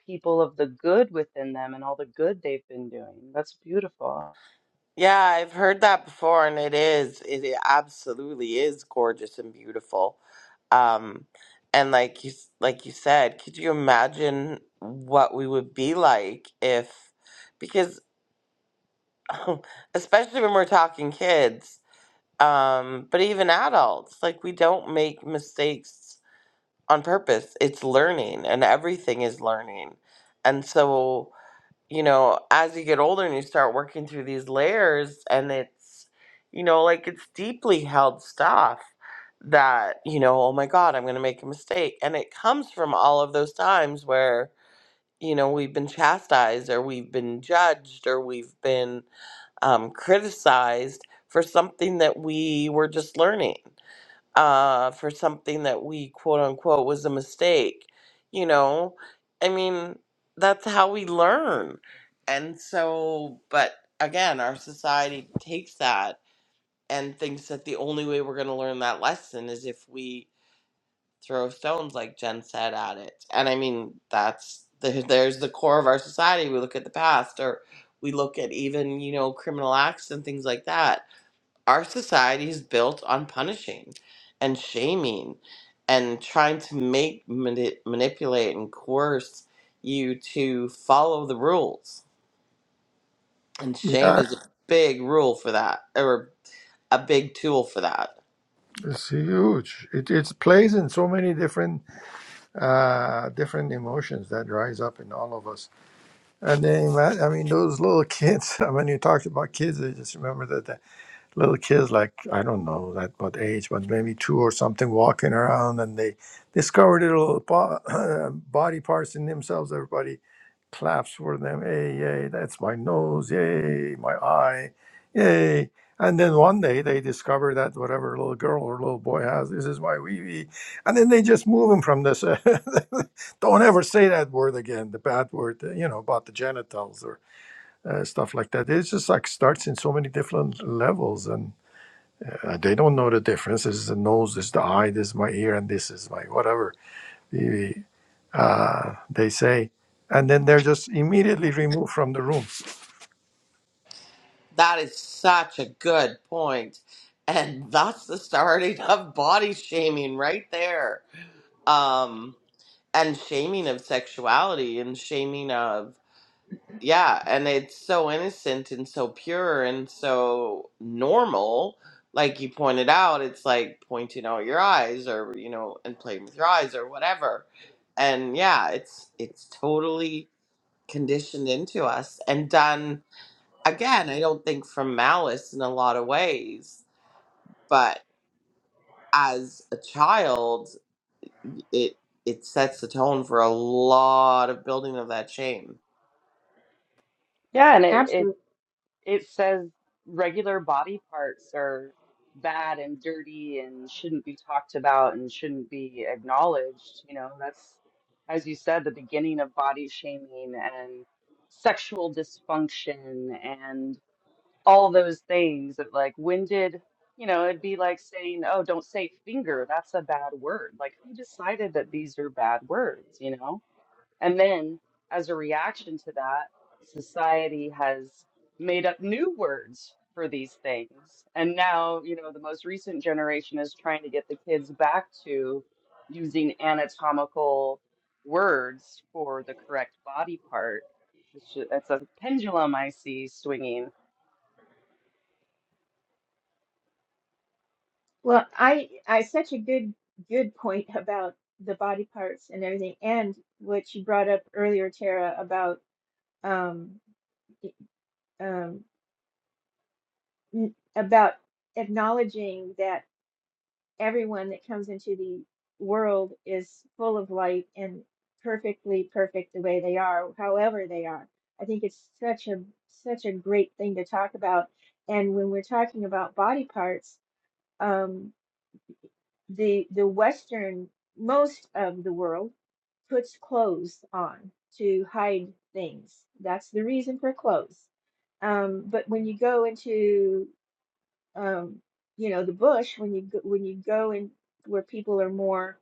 Speaker 5: people of the good within them and all the good they've been doing. That's beautiful.
Speaker 1: yeah i've heard that before and it is it, it absolutely is gorgeous and beautiful um and like you s- like you said could you imagine what we would be like if because especially when we're talking kids um but even adults like we don't make mistakes on purpose. It's learning, and everything is learning. And so, you know, as you get older and you start working through these layers, and it's, you know, like it's deeply held stuff that, you know, oh my God, I'm going to make a mistake. And it comes from all of those times where, you know, we've been chastised or we've been judged or we've been um, criticized for something that we were just learning uh, for something that we quote unquote was a mistake. You know, I mean, that's how we learn. And so, but again, our society takes that and thinks that the only way we're going to learn that lesson is if we throw stones, like Jen said, at it. And I mean, that's the, there's the core of our society. We look at the past or we look at even, you know, criminal acts and things like that our society is built on punishing and shaming and trying to make mani- manipulate and coerce you to follow the rules and shame
Speaker 6: Yeah,
Speaker 1: is a big rule for that or a big tool for that
Speaker 6: it's huge. It it plays in so many different uh, different emotions that rise up in all of us. And then, ima- I mean, those little kids. When you talked about kids. I just remember that. little kids like i don't know that what age but maybe two or something walking around and they discover little bo- body parts in themselves everybody claps for them hey yay that's my nose yay my eye yay and then one day they discover that whatever little girl or little boy has this is my wee wee and then they just move them from this don't ever say that word again the bad word uh, you know about the genitals or uh, stuff like that it's just like starts in so many different levels and uh, they don't know the difference. This is the nose, this is the eye, this is my ear, and this is my whatever. uh, they say, and then they're just immediately removed from the room.
Speaker 1: that is such a good point and that's the starting of body shaming right there um and shaming of sexuality and shaming of yeah and it's so innocent and so pure and so normal like you pointed out it's like pointing out your eyes or you know and playing with your eyes or whatever and yeah it's it's totally conditioned into us and done again i don't think from malice in a lot of ways but as a child it it sets the tone for a lot of building of that shame
Speaker 5: Yeah, and it, it It says regular body parts are bad and dirty and shouldn't be talked about and shouldn't be acknowledged. You know, that's, as you said, the beginning of body shaming and sexual dysfunction and all those things that, like, when did, you know, it'd be like saying, oh, don't say finger. That's a bad word. Like, who decided that these are bad words, you know? And then, as a reaction to that, society has made up new words for these things. And now, you know, the most recent generation is trying to get the kids back to using anatomical words for the correct body part. It's, ju- it's a pendulum I see swinging.
Speaker 4: Well, I I such a good good point about the body parts and everything, and what you brought up earlier, Tara, about um y- um n- about acknowledging that everyone that comes into the world is full of light and perfectly perfect the way they are, however they are. I think it's such a such a great thing to talk about. And when we're talking about body parts, um, the the Western most of the world puts clothes on to hide things. That's the reason for clothes. Um, but when you go into um, you know the bush, when you go, when you go in where people are more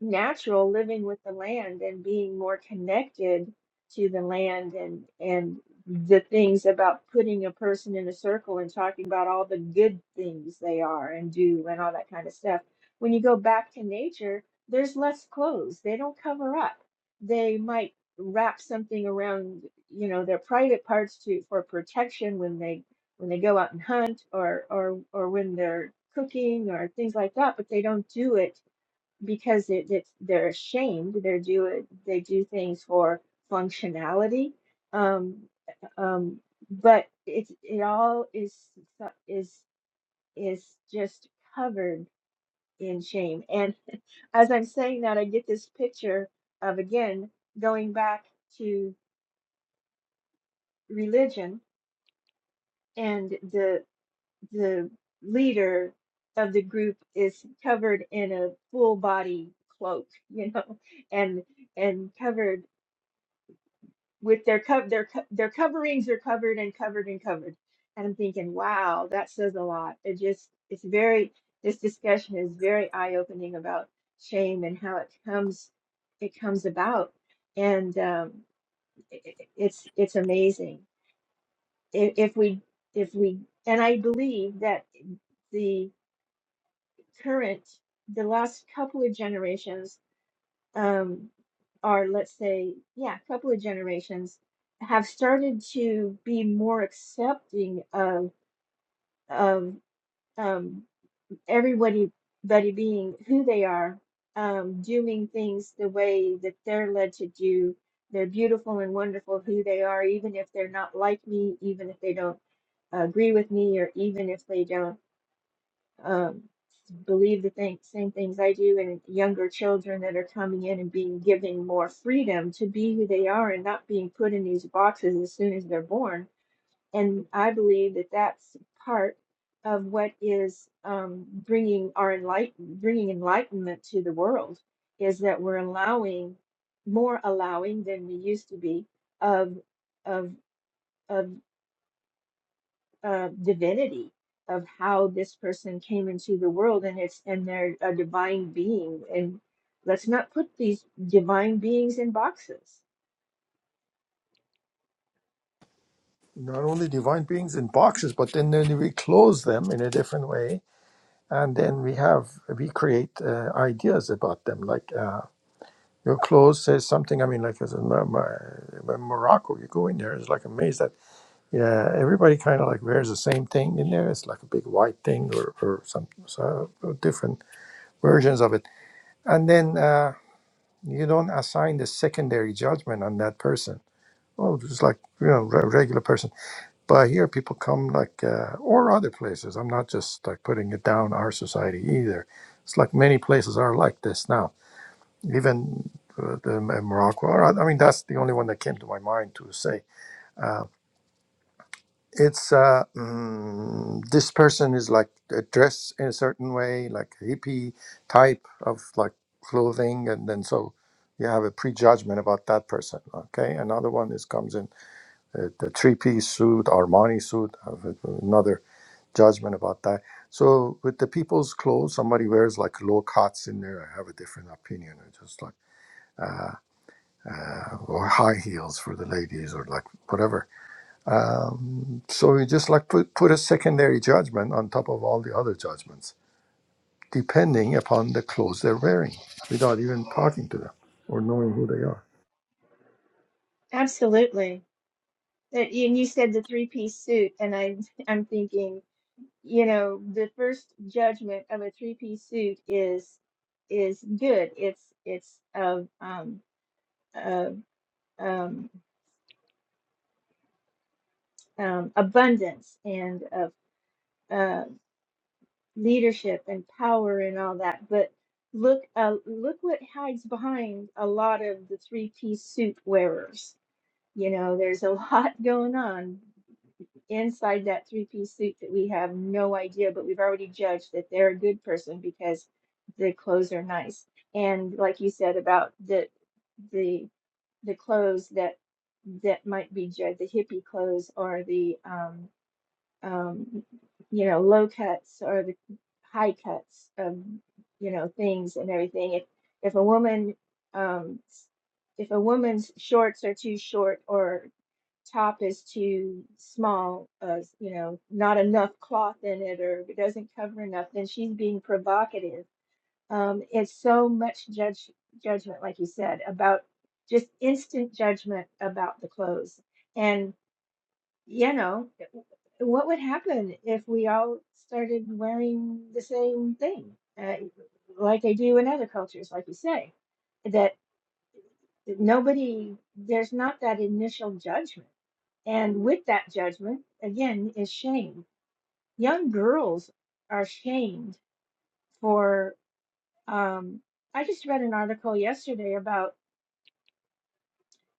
Speaker 4: natural living with the land and being more connected to the land and and the things about putting a person in a circle and talking about all the good things they are and do and all that kind of stuff. When you go back to nature, there's less clothes. They don't cover up. They might wrap something around, you know, their private parts to for protection when they when they go out and hunt or or or when they're cooking or things like that, but they don't do it because it, it's they're ashamed. They do it. They do things for functionality. Um, um, but it's it all is so- is is just covered in shame. And as I'm saying that, I get this picture of again going back to religion and the the leader of the group is covered in a full body cloak, you know, and and covered with their co- their co- their coverings are covered and covered and covered. And I'm thinking, wow, that says a lot. It just it's very this discussion is very eye opening about shame and how it comes it comes about, and um, i i- it's it's amazing if, if we if we and I believe that the current the last couple of generations um, or let's say, yeah, a couple of generations have started to be more accepting of of um, everybody buddy being who they are, um, doing things the way that they're led to do. They're beautiful and wonderful who they are, even if they're not like me, even if they don't agree with me, or even if they don't um, believe the thing, same things I do, and younger children that are coming in and being given more freedom to be who they are and not being put in these boxes as soon as they're born. And I believe that that's part of what is um, bringing our enlighten, bringing enlightenment to the world is that we're allowing more allowing than we used to be of of of uh, divinity of how this person came into the world and it's and they're a divine being and let's not put these divine beings in boxes
Speaker 6: Not only divine beings in boxes, but then, then we close them in a different way, and then we have we create uh, ideas about them. Like uh, your clothes says something. I mean, like as in Mo- Mo- in Morocco, you go in there, it's like a maze that yeah, everybody kind of like wears the same thing in there. It's like a big white thing or or some so different versions of it. And then uh, you don't assign the secondary judgment on that person. Oh, just like you know, re- regular person. But here, people come like, uh, or other places. I'm not just like putting it down our society either. It's like many places are like this now. Even uh, the, Morocco. Or, I mean, that's the only one that came to my mind to say. uh, it's uh, mm, this person is like uh, dressed in a certain way, like hippie type of like clothing, and then so you have a prejudgment about that person. Okay, another one is comes in uh, the three-piece suit, Armani suit, have a- another judgment about that. So with the people's clothes, somebody wears like low cuts in there. I have a different opinion. I just like uh, or high heels for the ladies, or like whatever um, so we just like put, put a secondary judgment on top of all the other judgments, depending upon the clothes they're wearing, without even talking to them or knowing who they are.
Speaker 4: Absolutely. That and you said the three-piece suit, and I I'm thinking, you know, the first judgment of a three-piece suit is is good. It's it's of um of um um abundance and of uh leadership and power and all that. But look, uh, look what hides behind a lot of the three-piece suit wearers. You know, there's a lot going on inside that three-piece suit that we have no idea, but we've already judged that they're a good person because the clothes are nice. And like you said about the the the clothes that that might be judged, the hippie clothes or the um um, you know, low cuts or the high cuts of, you know, things and everything. If if a woman, um, s- if a woman's shorts are too short or top is too small, uh, you know, not enough cloth in it or if it doesn't cover enough, then she's being provocative. Um, it's so much judge judgment, like you said, about just instant judgment about the clothes. and you know, what would happen if we all started wearing the same thing, uh, like they do in other cultures, like you say, that nobody, there's not that initial judgment. And with that judgment, again, is shame. Young girls are shamed for. Um, I just read an article yesterday about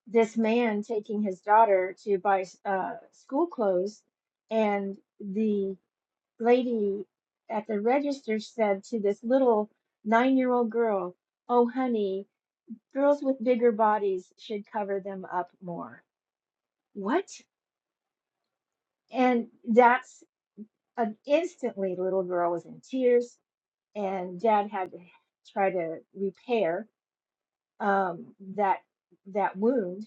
Speaker 4: this man taking his daughter to buy uh, school clothes, and the lady at the register said to this little nine year old girl, Oh, honey, girls with bigger bodies should cover them up more. What? And that's an instantly, the little girl was in tears, and dad had to try to repair um, that that wound.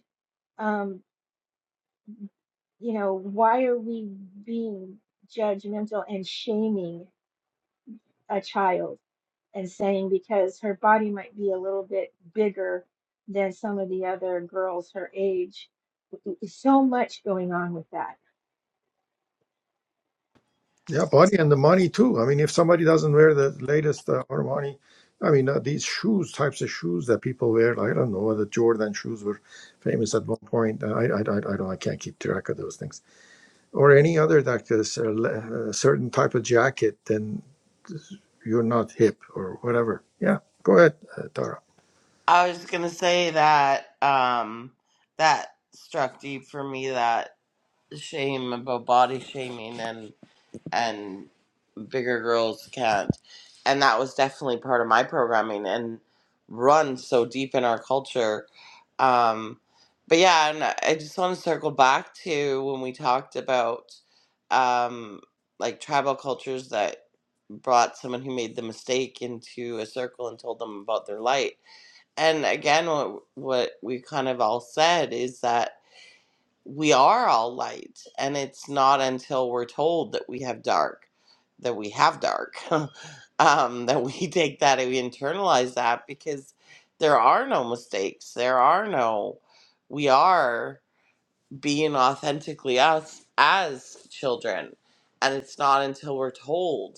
Speaker 4: Um, you know, why are we being judgmental and shaming a child? and saying because her body might be a little bit bigger than some of the other girls her age. So much going on with that.
Speaker 6: Yeah, body and the money too. I mean, if somebody doesn't wear the latest uh, Armani, I mean, uh, these shoes, types of shoes that people wear, like, I don't know whether Jordan shoes were famous at one point. Uh, I, I, I, I don't, I can't keep track of those things. Or any other, like this uh, le- uh, certain type of jacket, then. you're not hip or whatever. Yeah, go ahead, uh, Tara.
Speaker 1: I was gonna say that um that struck deep for me that shame about body shaming and and bigger girls can't. And that was definitely part of my programming and run so deep in our culture. Um but yeah, and I just want to circle back to when we talked about um like tribal cultures that brought someone who made the mistake into a circle and told them about their light and again what what we kind of all said is that we are all light and it's not until we're told that we have dark that we have dark um that we take that and we internalize that because there are no mistakes there are no we are being authentically us as children and it's not until we're told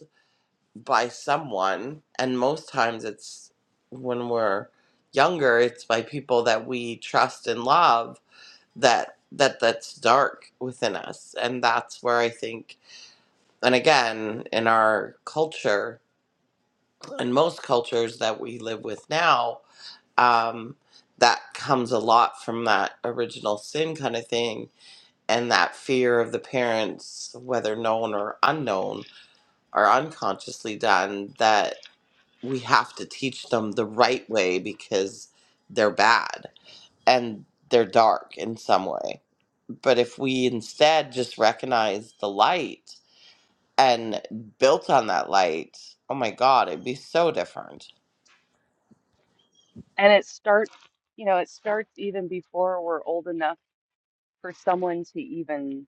Speaker 1: by someone and most times it's when we're younger it's by people that we trust and love that that that's dark within us and that's where i think and again in our culture and most cultures that we live with now um, that comes a lot from that original sin kind of thing and that fear of the parents whether known or unknown or unconsciously done that we have to teach them the right way because they're bad and they're dark in some way. But if we instead just recognize the light and built on that light, oh my God, it'd be so different.
Speaker 5: And it starts, you know, it starts even before we're old enough for someone to even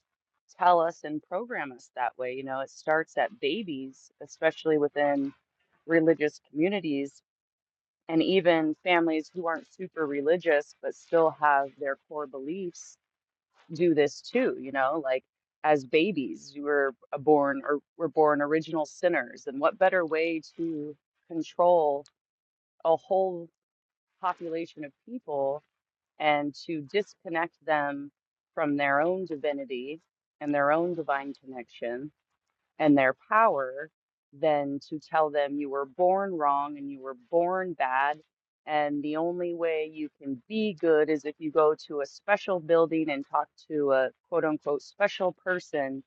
Speaker 5: tell us and program us that way. You know, it starts at babies, especially within religious communities and even families who aren't super religious but still have their core beliefs do this too, you know, like as babies, you were a born or were born original sinners. And what better way to control a whole population of people? and to disconnect them from their own divinity and their own divine connection and their power than to tell them you were born wrong and you were born bad. And the only way you can be good is if you go to a special building and talk to a quote unquote special person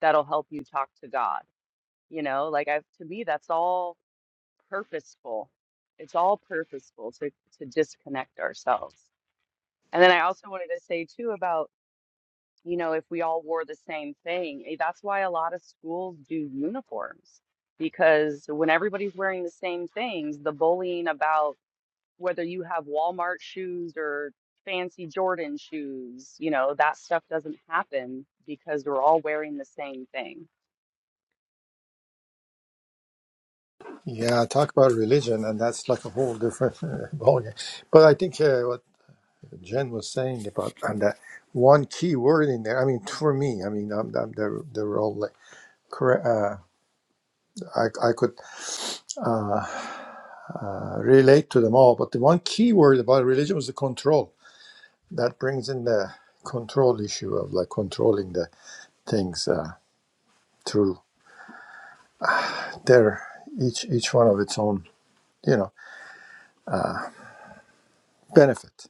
Speaker 5: that'll help you talk to God. You know, like I've to me, that's all purposeful. It's all purposeful to, to disconnect ourselves. And then I also wanted to say too about, you know, if we all wore the same thing, eh, that's why a lot of schools do uniforms because when everybody's wearing the same things, the bullying about whether you have Walmart shoes or fancy Jordan shoes, you know, that stuff doesn't happen because we're all wearing the same thing.
Speaker 6: Yeah, talk about religion, and that's like a whole different uh, ballgame. But I think uh, what Jen was saying about and that one key word in there. I mean, for me, I mean, um um, they're they're all like correct. Uh, I I could uh, uh, relate to them all, but the one key word about religion was the control. That brings in the control issue of like controlling the things uh, through their each each one of its own, you know, benefit.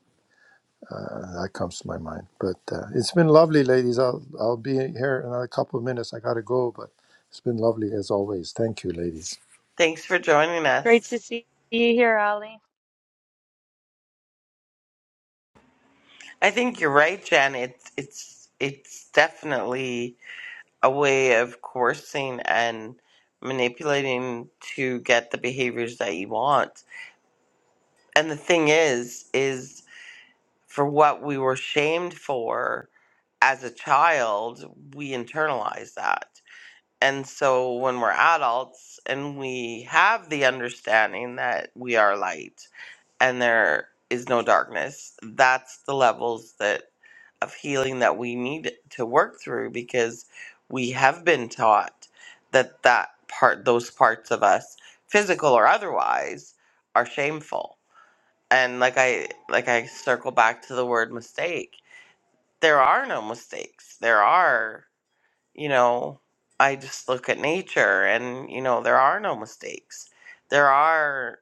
Speaker 6: Uh, that comes to my mind. But uh, it's been lovely, ladies. I'll I'll be here in a couple of minutes. I gotta go, but it's been lovely as always. Thank you, ladies.
Speaker 1: Thanks for joining
Speaker 5: Great to
Speaker 1: us.
Speaker 5: see you here, Ollie.
Speaker 1: I think you're right, Jen. It's it's it's definitely a way of coercing and manipulating to get the behaviors that you want. And the thing is, is for what we were shamed for as a child, we internalize that. And so when we're adults and we have the understanding that we are light and there is no darkness, that's the levels that of healing that we need to work through because we have been taught that that part those parts of us physical or otherwise are shameful and like i like i circle back to the word mistake there are no mistakes there are you know i just look at nature and you know there are no mistakes there are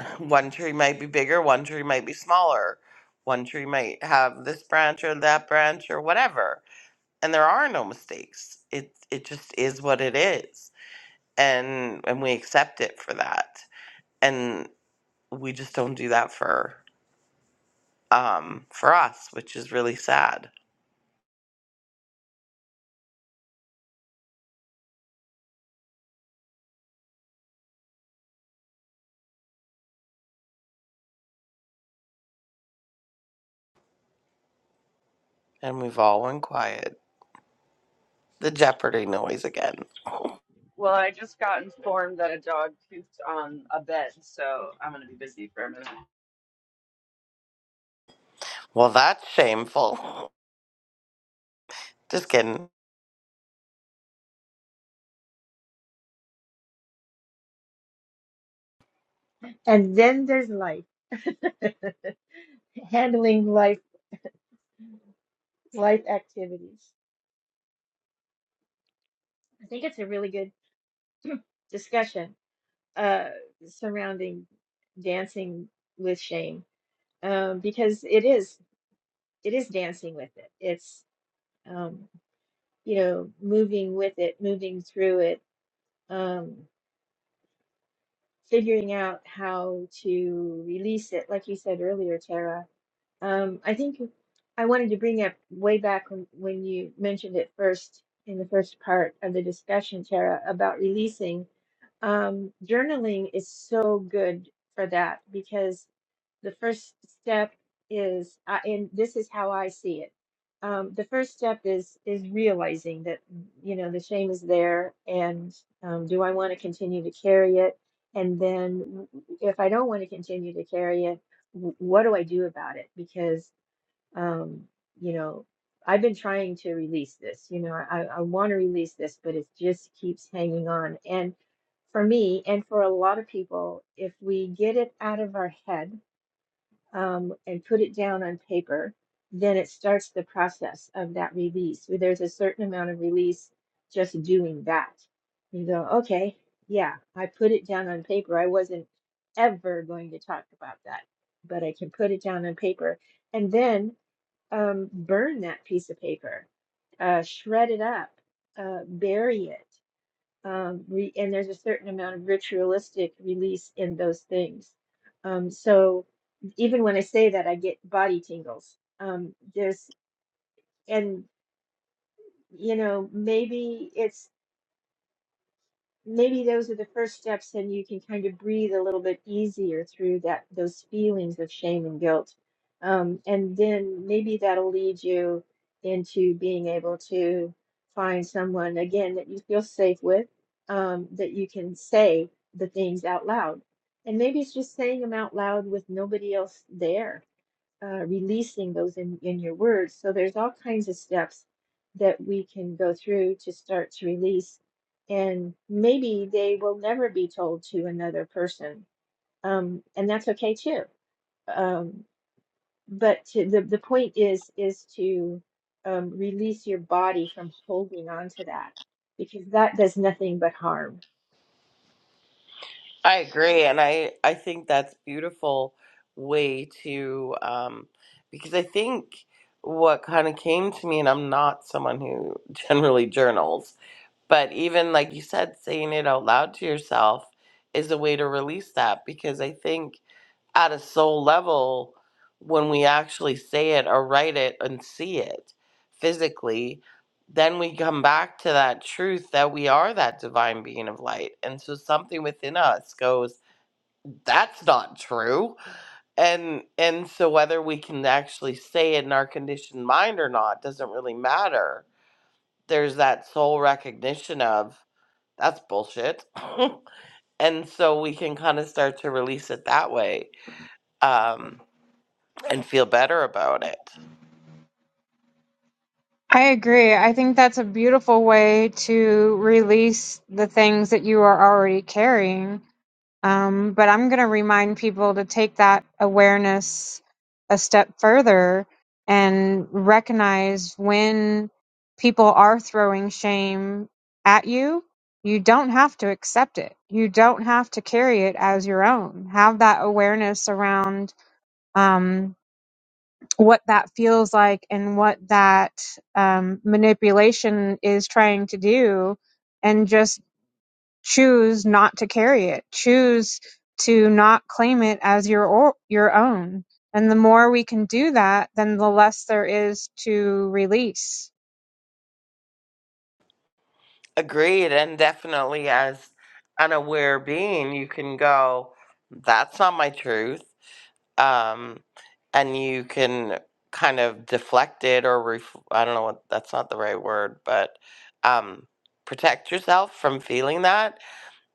Speaker 1: one tree might be bigger one tree might be smaller one tree might have this branch or that branch or whatever and there are no mistakes. It it just is what it is, and and we accept it for that, and we just don't do that for um for us, which is really sad. And we've all went quiet. The Jeopardy noise again.
Speaker 5: Well, I just got informed that a dog pooped on a bed, so I'm gonna be busy for a minute.
Speaker 1: Well, that's shameful. Just kidding.
Speaker 4: And then there's life, handling life, life activities. I think it's a really good discussion uh, surrounding dancing with shame um, because it is it is dancing with it. It's um, you know moving with it, moving through it. Um, figuring out how to release it, like you said earlier, Tara. Um, I think I wanted to bring up way back when, when you mentioned it first in the first part of the discussion, Tara, about releasing. Um, journaling is so good for that because the first step is I and this is how i see it um, the first step is is realizing that you know the shame is there and um, do i want to continue to carry it and then w- if i don't want to continue to carry it w- what do i do about it because um, you know i've been trying to release this you know i, I want to release this but it just keeps hanging on and for me and for a lot of people if we get it out of our head um, and put it down on paper, then it starts the process of that release. Where There's a certain amount of release just doing that. You go, okay, yeah, I put it down on paper. I wasn't ever going to talk about that, but I can put it down on paper and then um, burn that piece of paper, uh, shred it up, uh, bury it um, re- and there's a certain amount of ritualistic release in those things. Um, so even when I say that, I get body tingles. Um, there's and you know maybe it's maybe those are the first steps and you can kind of breathe a little bit easier through that those feelings of shame and guilt um, and then maybe that'll lead you into being able to find someone again that you feel safe with um, that you can say the things out loud and maybe it's just saying them out loud with nobody else there uh, releasing those in, in your words. So there's all kinds of steps that we can go through to start to release, and maybe they will never be told to another person, um, and that's okay too. Um, but to, the the point is is to um, release your body from holding on to that because that does nothing but harm
Speaker 1: I agree, and I I think that's beautiful way to um because I think what kind of came to me, and I'm not someone who generally journals But even like you said, saying it out loud to yourself is a way to release that because I think at a soul level, when we actually say it or write it and see it physically, then we come back to that truth that we are that divine being of light. And so something within us goes, that's not true. And and so whether we can actually say it in our conditioned mind or not doesn't really matter. There's that soul recognition of that's bullshit. and so we can kind of start to release it that way um, and feel better about it.
Speaker 2: I agree. I think that's a beautiful way to release the things that you are already carrying. Um, but I'm going to remind people to take that awareness a step further and recognize when people are throwing shame at you, you don't have to accept it. You don't have to carry it as your own. Have that awareness around um, what that feels like and what that um, manipulation is trying to do. And just choose not to carry it, choose to not claim it as your o- your own. And the more we can do that, then the less there is to release.
Speaker 1: Agreed. And definitely, as an aware being, you can go, that's not my truth. Um, and you can kind of deflect it or, ref- I don't know what that's not the right word, but um, protect yourself from feeling that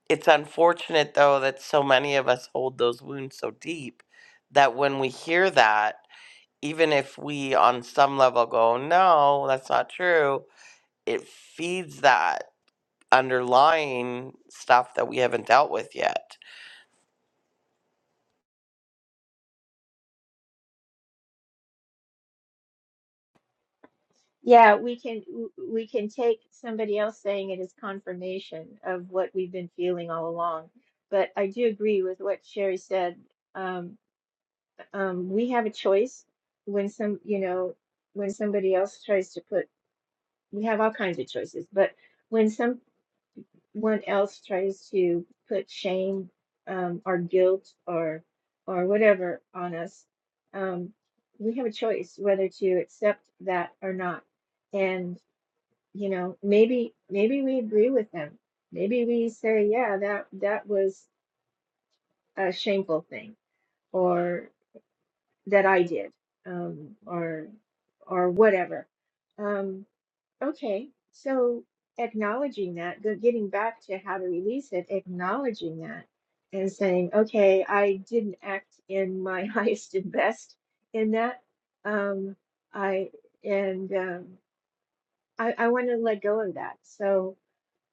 Speaker 1: It's unfortunate, though, that so many of us hold those wounds so deep that when we hear that, even if we on some level go, no, that's not true, it feeds that underlying stuff that we haven't dealt with yet.
Speaker 4: Yeah, we can w- we can take somebody else saying it as confirmation of what we've been feeling all along. But I do agree with what Sherry said. Um, um, we have a choice when some, you know, when somebody else tries to put, we have all kinds of choices, but when someone else tries to put shame um, or guilt or or whatever on us, um, we have a choice whether to accept that or not you know, maybe maybe we agree with them. Maybe we say, yeah, that that was a shameful thing, or that I did, um, or or whatever. Um, okay, so acknowledging that, go- getting back to how to release it, acknowledging that, and saying, okay, I didn't act in my highest and best in that. Um, I and um, I, I want to let go of that. So.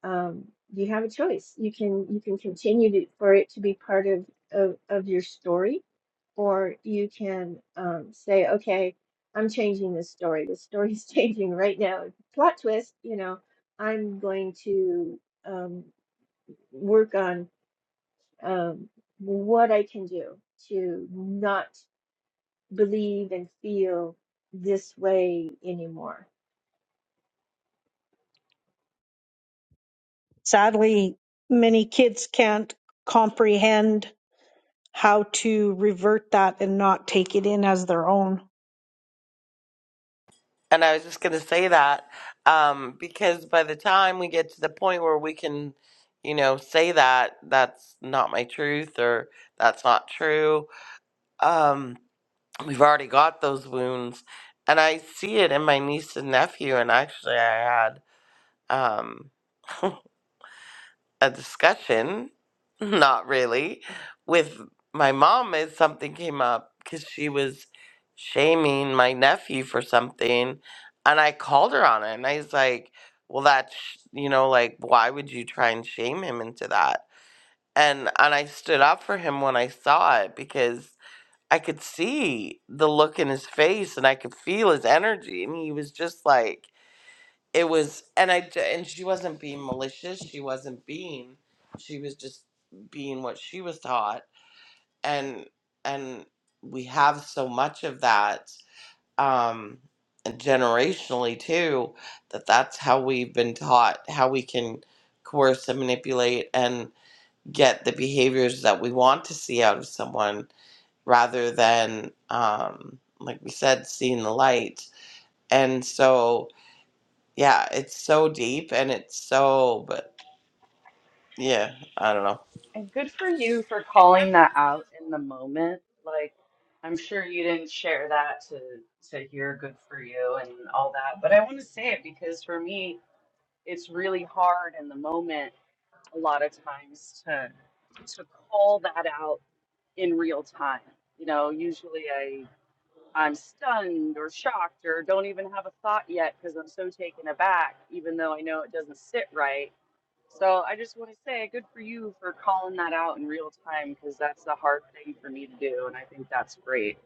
Speaker 4: um, you have a choice. You can you can continue to, for it to be part of, of of your story, or you can um, say, okay, I'm changing this story. The story's changing right now. Plot twist. You know, I'm going to um, work on um, what I can do to not believe and feel this way anymore.
Speaker 3: Sadly, many kids can't comprehend how to revert that and not take it in as their own.
Speaker 1: And I was just going to say that um, because by the time we get to the point where we can, you know, say that, that's not my truth or that's not true. Um, we've already got those wounds and i see it in my niece and nephew and actually i had um a discussion not really with my mom as something came up because she was shaming my nephew for something and i called her on it and i was like well that's sh- you know like why would you try and shame him into that and and i stood up for him when i saw it I could see the look in his face and I could feel his energy and he was just like it was and I d- and she wasn't being malicious, she wasn't being she was just being what she was taught and and we have so much of that um and generationally too that that's how we've been taught how we can coerce and manipulate and get the behaviors that we want to see out of someone rather than um like we said seeing the light and so yeah it's so deep and it's so but yeah i don't know
Speaker 5: And good for you for calling that out in the moment. Like, I'm sure you didn't share that to to hear good for you and all that, but I want to say it because for me, it's really hard in the moment a lot of times to to call that out in real time. You know, usually I I'm stunned or shocked or don't even have a thought yet because I'm so taken aback, even though I know it doesn't sit right so I just want to say good for you for calling that out in real time because that's the hard thing for me to do, and I think that's great.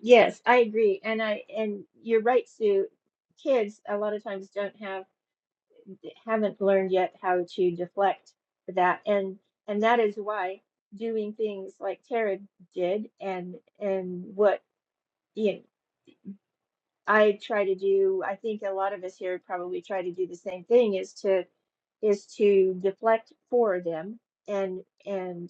Speaker 4: Yes, I agree. And I and you're right, Sue. Kids a lot of times don't have haven't learned yet how to deflect that. And and that is why doing things like Tara did and and what you know, I try to do, I think a lot of us here probably try to do the same thing is to is to deflect for them and and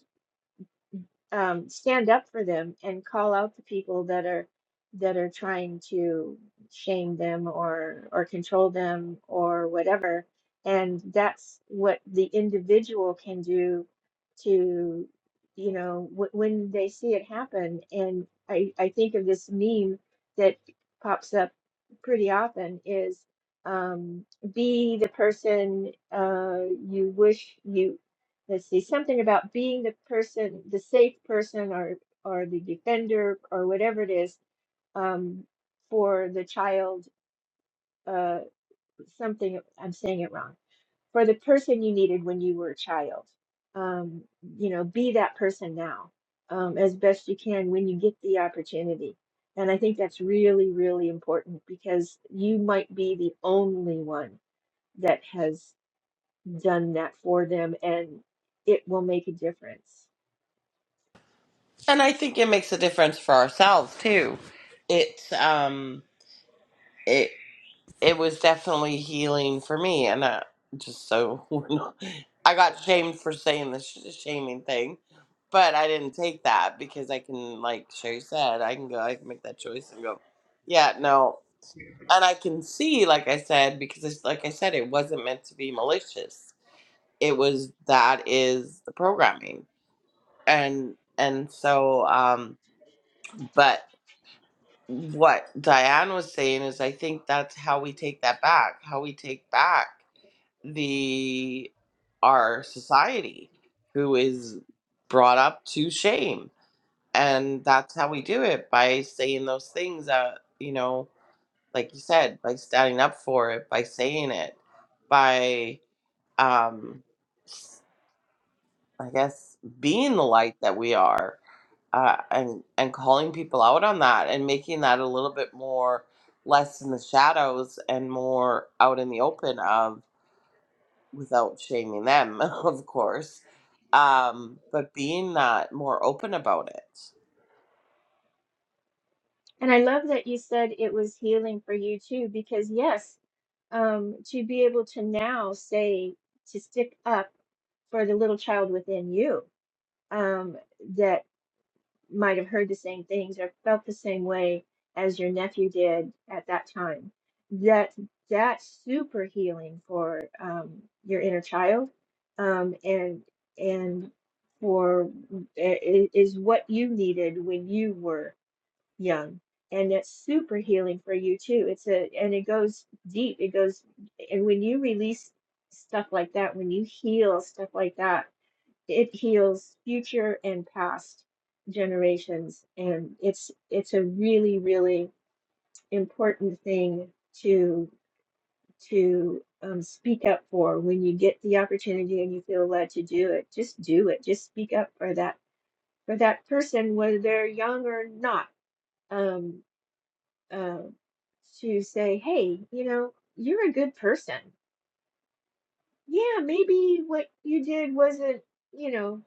Speaker 4: um, stand up for them and call out the people that are that are trying to shame them or or control them or whatever. And that's what the individual can do to, you know, w- when they see it happen. And I, I think of this meme that pops up pretty often is um, be the person uh, you wish you let's see, something about being the person, the safe person or or the defender or whatever it is um, for the child, uh, something, I'm saying it wrong, for the person you needed when you were a child. Um, you know, be that person now um, as best you can when you get the opportunity. And I think that's really, really important because you might be the only one that has done that for them and it will make a difference.
Speaker 1: and i think it makes a difference for ourselves too it's um it it was definitely healing for me and uh, just so we're not- i got shamed for saying the sh- shaming thing but i didn't take that because i can like sherry said i can go i can make that choice and go yeah no and I can see, like I said, because it's like I said, it wasn't meant to be malicious. It was that is the programming, and and so, um, but what Diane was saying is, I think that's how we take that back. How we take back the our society, who is brought up to shame, and that's how we do it by saying those things that you know. like you said, by standing up for it, by saying it, by, um, I guess, being the light that we are, uh, and and calling people out on that, and making that a little bit more less in the shadows and more out in the open of without shaming them, of course, um, but being that more open about it.
Speaker 4: And I love that you said it was healing for you too, because yes, um, to be able to now say, to stick up for the little child within you um, that might have heard the same things or felt the same way as your nephew did at that time. That that's super healing for um, your inner child, um, and and for i- i- is what you needed when you were young and that's super healing for you too it's a and it goes deep it goes and when you release stuff like that when you heal stuff like that it heals future and past generations and it's it's a really really important thing to to um, speak up for when you get the opportunity and you feel led to do it just do it just speak up for that for that person whether they're young or not Um, uh, to say, hey, you know, you're a good person. Yeah, maybe what you did wasn't, you know,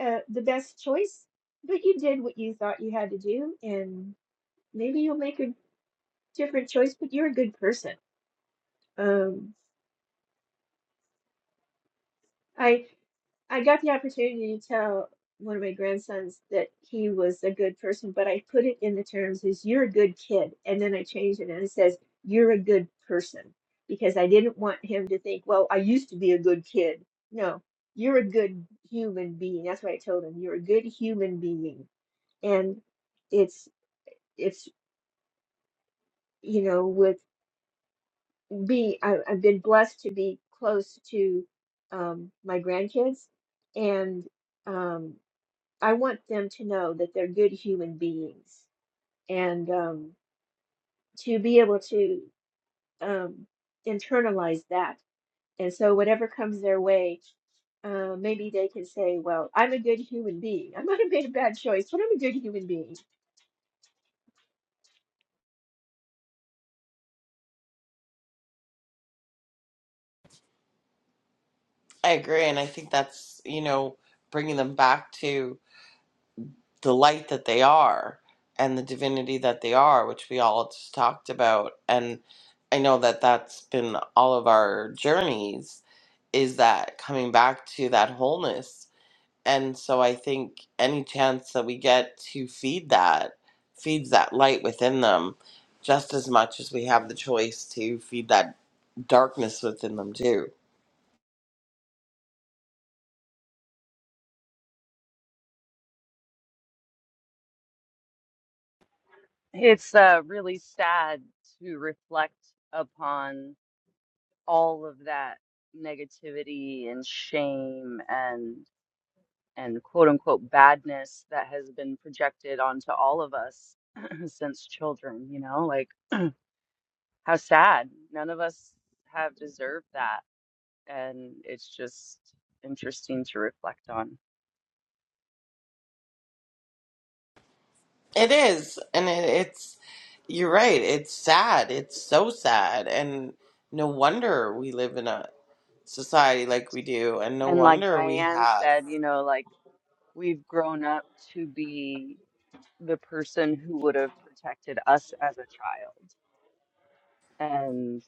Speaker 4: uh, the best choice, but you did what you thought you had to do, and maybe you'll make a different choice, but you're a good person. Um, I I got the opportunity to tell one of my grandsons that he was a good person, but I put it in the terms is you're a good kid. And then I changed it and it says, you're a good person because I didn't want him to think, well, I used to be a good kid. No, you're a good human being. That's what I told him. You're a good human being. And it's, it's, you know, with being, I, I've been blessed to be close to um, my grandkids and, um, I want them to know that they're good human beings and um, to be able to um, internalize that. And so, whatever comes their way, uh, maybe they can say, Well, I'm a good human being. I might have made a bad choice, but I'm a good human being.
Speaker 1: I agree, and I think that's you know bringing them back to. the light that they are and the divinity that they are, which we all just talked about. And I know that that's been all of our journeys is that coming back to that wholeness. And so I think any chance that we get to feed that feeds that light within them just as much as we have the choice to feed that darkness within them too.
Speaker 5: It's uh, really sad to reflect upon all of that negativity and shame and and quote unquote badness that has been projected onto all of us since children, you know, like how sad. None of us have deserved that, and it's just interesting to reflect on.
Speaker 1: It is, and it, it's you're right. It's sad. It's so sad, and no wonder we live in a society like we do, and no
Speaker 5: And like
Speaker 1: wonder we
Speaker 5: Diane
Speaker 1: have.
Speaker 5: said, you know, like we've grown up to be the person who would have protected us as a child. And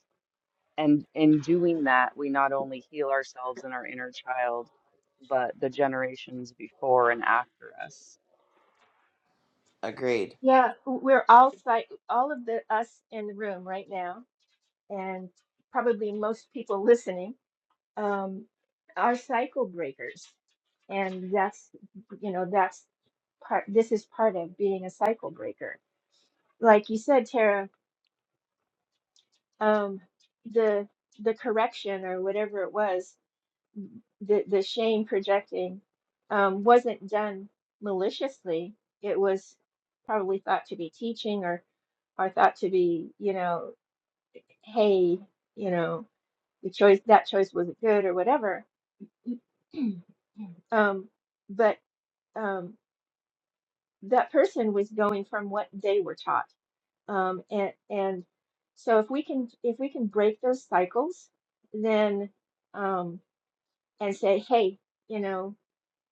Speaker 5: and in doing that, we not only heal ourselves and our inner child, but the generations before and after us.
Speaker 1: Agreed.
Speaker 4: Yeah, we're all psych all of the us in the room right now, and probably most people listening, um, are cycle breakers. And that's, you know, that's part this is part of being a cycle breaker like you said tara um the the correction or whatever it was the the shame projecting um wasn't done maliciously it was probably thought to be teaching or or thought to be you know hey you know the choice that choice wasn't good or whatever um but um that person was going from what they were taught Um, and and so if we can if we can break those cycles, then um, and say, hey, you know,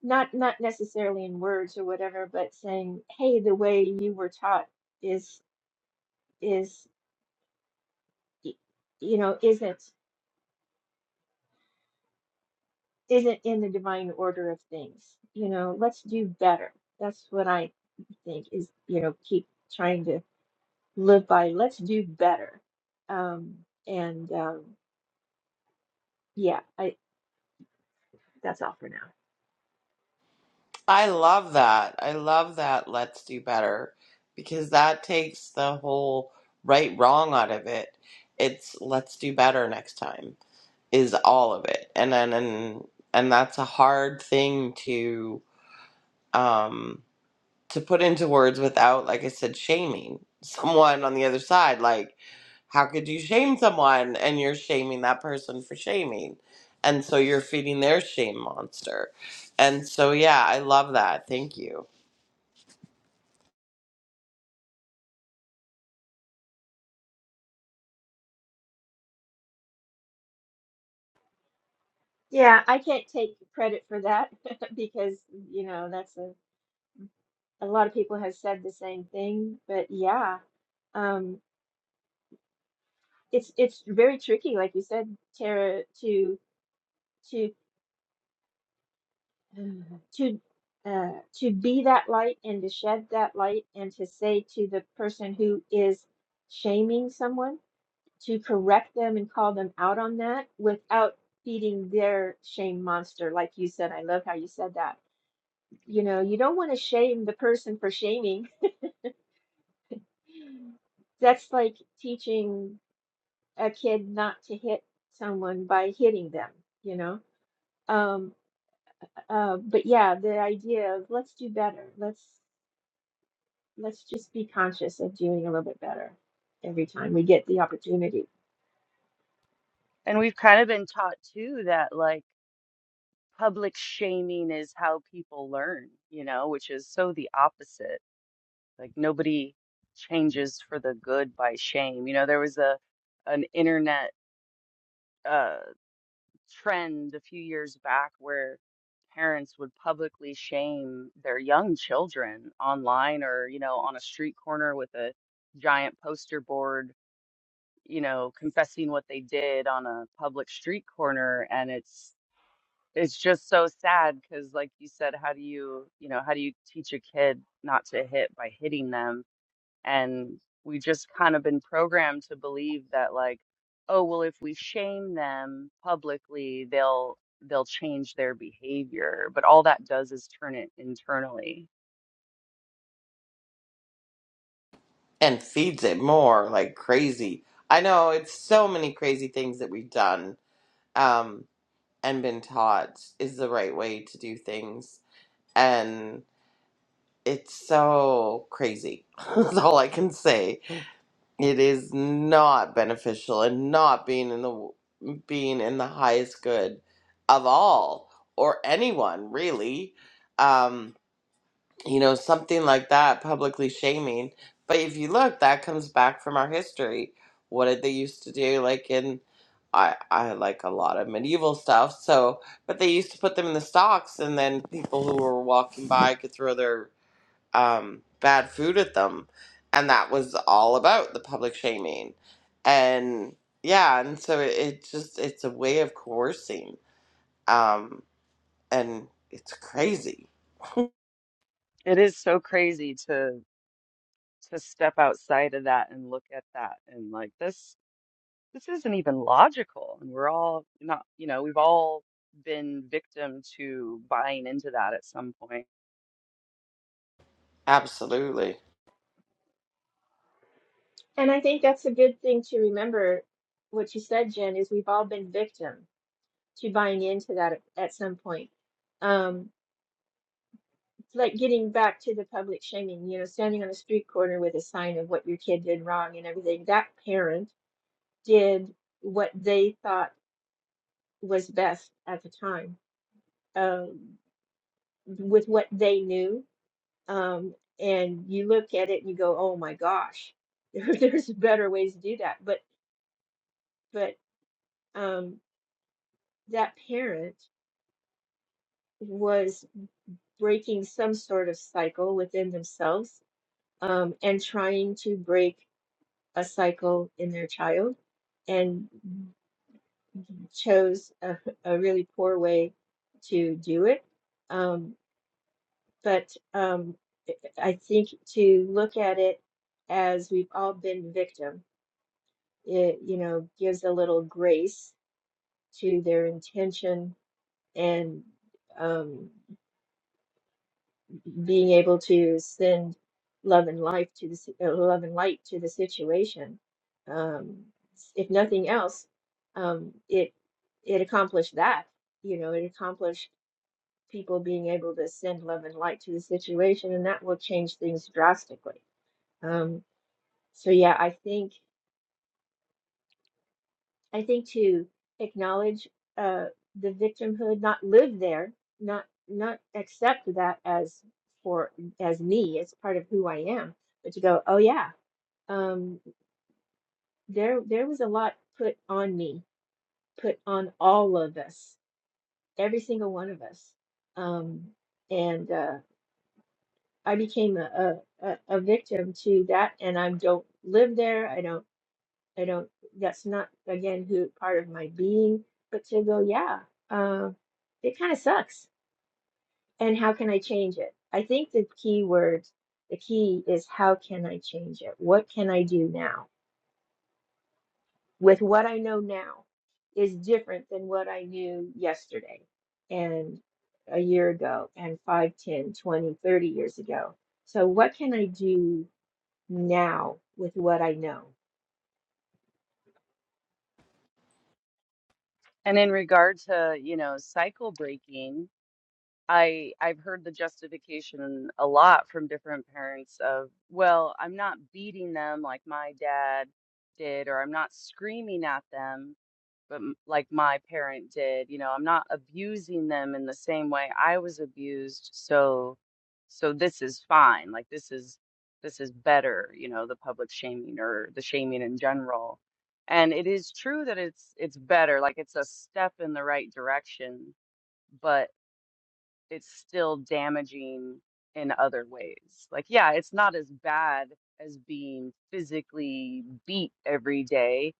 Speaker 4: not not necessarily in words or whatever, but saying, hey, the way you were taught is is y- you know isn't isn't in the divine order of things. You know, let's do better. That's what I think is you know keep trying to live by. Let's do better. Um, and um, yeah, I that's all for now.
Speaker 1: I love that. I love that. Let's do better because that takes the whole right wrong out of it. It's let's do better next time is all of it, and then and and that's a hard thing to um to put into words without, like I said, shaming someone on the other side. Like, how could you shame someone and you're shaming that person for shaming? And so you're feeding their shame monster. And so, yeah, I love that. Thank you.
Speaker 4: Yeah, I can't take credit for that because, you know, that's a, a lot of people have said the same thing. But yeah, um, it's it's very tricky, like you said, Tara, to to uh, to uh, to be that light and to shed that light and to say to the person who is shaming someone to correct them and call them out on that without feeding their shame monster. Like you said, I love how you said that You know, you don't want to shame the person for shaming. That's like teaching a kid not to hit someone by hitting them, you know? Um, uh, but yeah, the idea of let's do better. Let's let's just be conscious of doing a little bit better every time we get the opportunity.
Speaker 5: And we've kind of been taught too that like public shaming is how people learn, you know, which is so the opposite. Like nobody changes for the good by shame. You know, there was a an internet uh, trend a few years back where parents would publicly shame their young children online or, you know, on a street corner with a giant poster board, you know, confessing what they did on a public street corner. And it's, it's just so sad because, like you said, how do you, you know, how do you teach a kid not to hit by hitting them? and we just kind of been programmed to believe that like oh well if we shame them publicly they'll they'll change their behavior but all that does is turn it internally
Speaker 1: And feeds it more like crazy. I know it's so many crazy things that we've done um, and been taught is the right way to do things. And it's so crazy. That's all I can say it is not beneficial and not being in the being in the highest good of all or anyone really um you know something like that publicly shaming but if you look that comes back from our history what did they used to do like in I, I like a lot of medieval stuff so but they used to put them in the stocks and then people who were walking by could throw their um, bad food at them, and that was all about the public shaming, and yeah, and so it, it just it's a way of coercing, um, and it's crazy,
Speaker 5: it is so crazy to to step outside of that and look at that and like this this isn't even logical and we're all not you know we've all been victim to buying into that at some point point.
Speaker 1: absolutely.
Speaker 4: And I think that's a good thing to remember. What you said, Jen, is we've all been victim to buying into that at, at some point. Um, It's like getting back to the public shaming, you know, standing on a street corner with a sign of what your kid did wrong and everything. That parent did what they thought was best at the time, um, with what they knew. Um, and you look at it and you go, "Oh my gosh, there, there's better ways to do that." But but um, that parent was breaking some sort of cycle within themselves um, and trying to break a cycle in their child and chose a, a really poor way to do it. Um, but um, I think to look at it as we've all been victim, it, you know, gives a little grace to their intention and um, being able to send love and life to the si- uh, love and light to the situation. Um, if nothing else, um, it it accomplished that. You know, it accomplished people being able to send love and light to the situation, and that will change things drastically. Um, so yeah, I think I think to acknowledge uh, the victimhood, not live there, not not accept that as for as me, as part of who I am, but to go, oh yeah, um, there there was a lot put on me, put on all of us, every single one of us, um, and uh, I became a, a a a victim to that, and I don't live there. I don't. I don't, that's not, again, who part of my being, but to go, yeah, uh, it kind of sucks. And how can I change it? I think the key word, the key is how can I change it? What can I do now with what I know now is different than what I knew yesterday and a year ago and 5, 10, 20, thirty years ago. So what can I do now with what I know?
Speaker 5: and in regard to you know cycle breaking I I've heard the justification a lot from different parents of, well, I'm not beating them like my dad did, or I'm not screaming at them, but m- like my parent did. You know, I'm not abusing them in the same way I was abused, so so this is fine. Like this is this is better, you know, the public shaming or the shaming in general. And it is true that it's it's better, like it's a step in the right direction but it's still damaging in other ways. Like, yeah, it's not as bad as being physically beat every day,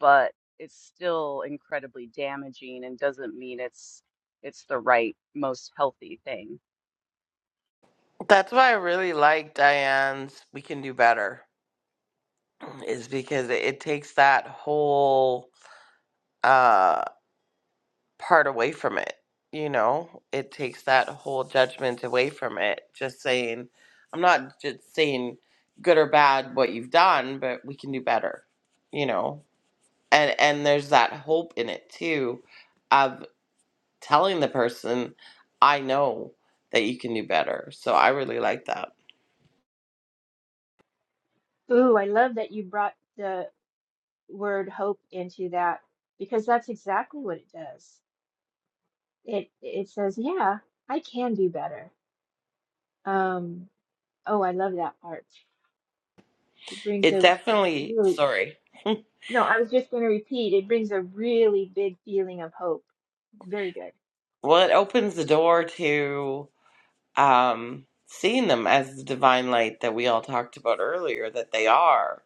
Speaker 5: but it's still incredibly damaging and doesn't mean it's it's the right most healthy thing.
Speaker 1: That's why I really like Diane's "We Can Do Better," is because it, it takes that whole um, part away from it. You know, it takes that whole judgment away from it. Just saying, I'm not just saying good or bad what you've done, but we can do better. You know, and and there's that hope in it too, of telling the person, I know that you can do better. So I really like that.
Speaker 4: Ooh, I love that you brought the word hope into that because that's exactly what it does. It it says, yeah, I can do better. Um, oh, I love that part. It brings
Speaker 1: It
Speaker 4: a
Speaker 1: definitely
Speaker 4: really,
Speaker 1: sorry.
Speaker 4: no, I was just going to repeat. It brings a really big feeling of hope. Very good.
Speaker 1: Well, it opens the door to um, seeing them as the divine light that we all talked about earlier that they are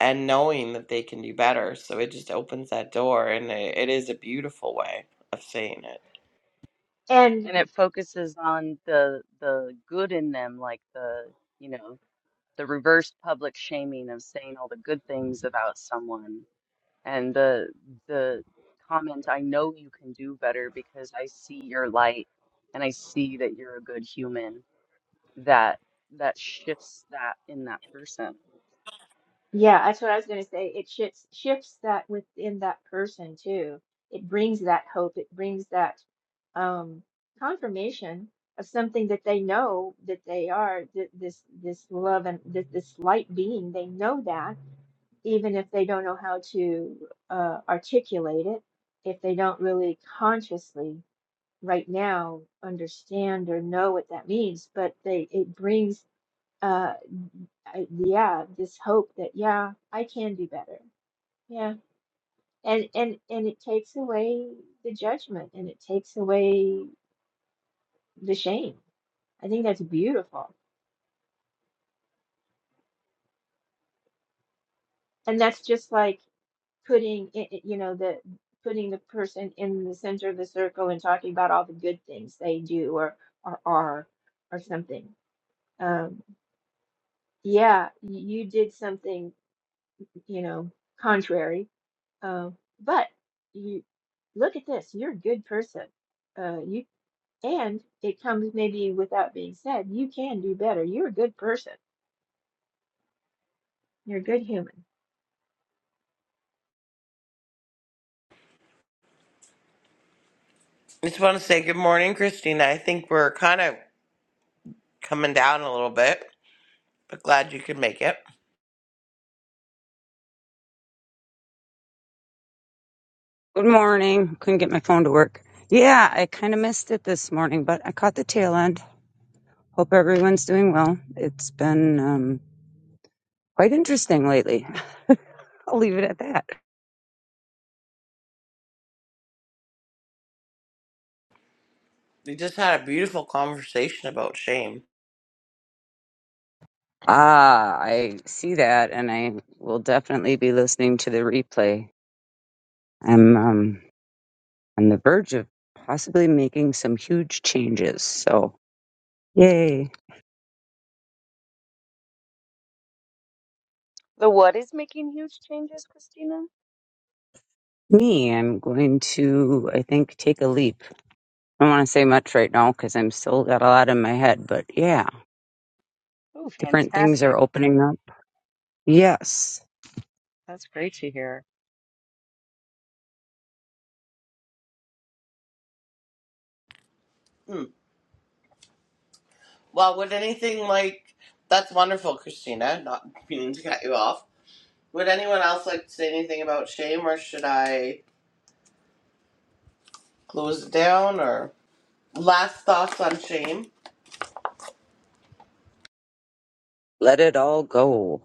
Speaker 1: and knowing that they can do better. So it just opens that door, and it, it is a beautiful way of saying it.
Speaker 4: and.
Speaker 5: And it focuses on the the good in them, like the, you know, the reverse public shaming of saying all the good things about someone and the the comment, I know you can do better because I see your light and I see that you're a good human. That that shifts that in that person.
Speaker 4: Yeah, that's what I was going to say. It shifts shifts that within that person too. It brings that hope. It brings that um, confirmation of something that they know that they are th this this love and this, this light being. They know that even if they don't know how to uh, articulate it, if they don't really consciously right now understand or know what that means, but they it brings. uh, I, yeah, this hope that yeah, I can do better. Yeah. And and and it takes away the judgment and it takes away the shame. I think that's beautiful. And that's just like putting it, it- you know, the putting the person in the center of the circle and talking about all the good things they do or or are or something. Um, yeah, y- you did something, you know, contrary Uh, but you look at this, you're a good person. Uh, you and it comes maybe without being said, you can do better. You're a good person. You're a good human.
Speaker 1: I just want to say good morning, Christina. I think we're kind of coming down a little bit, but glad you could make it.
Speaker 7: Good morning. Couldn't get my phone to work. Yeah, I kind of missed it this morning, but I caught the tail end. Hope everyone's doing well. It's been um, quite interesting lately. I'll leave it at that.
Speaker 1: We just had a beautiful conversation about shame.
Speaker 7: Ah, I see that, and I will definitely be listening to the replay. I'm um, on the verge of possibly making some huge changes. So, yay.
Speaker 5: The what is making huge changes, Christina?
Speaker 7: Me, I'm going to, I think, take a leap. I don't want to say much right now because I'm still got a lot in my head, but yeah.
Speaker 5: Oh,
Speaker 7: Different things are
Speaker 5: fantastic.
Speaker 7: opening up. Yes.
Speaker 5: That's great to hear.
Speaker 1: Hmm. Well, would anything like that's wonderful, Christina? Not meaning to cut you off. Would anyone else like to say anything about shame, or should I close it down? Or last thoughts on shame?
Speaker 7: Let it all go.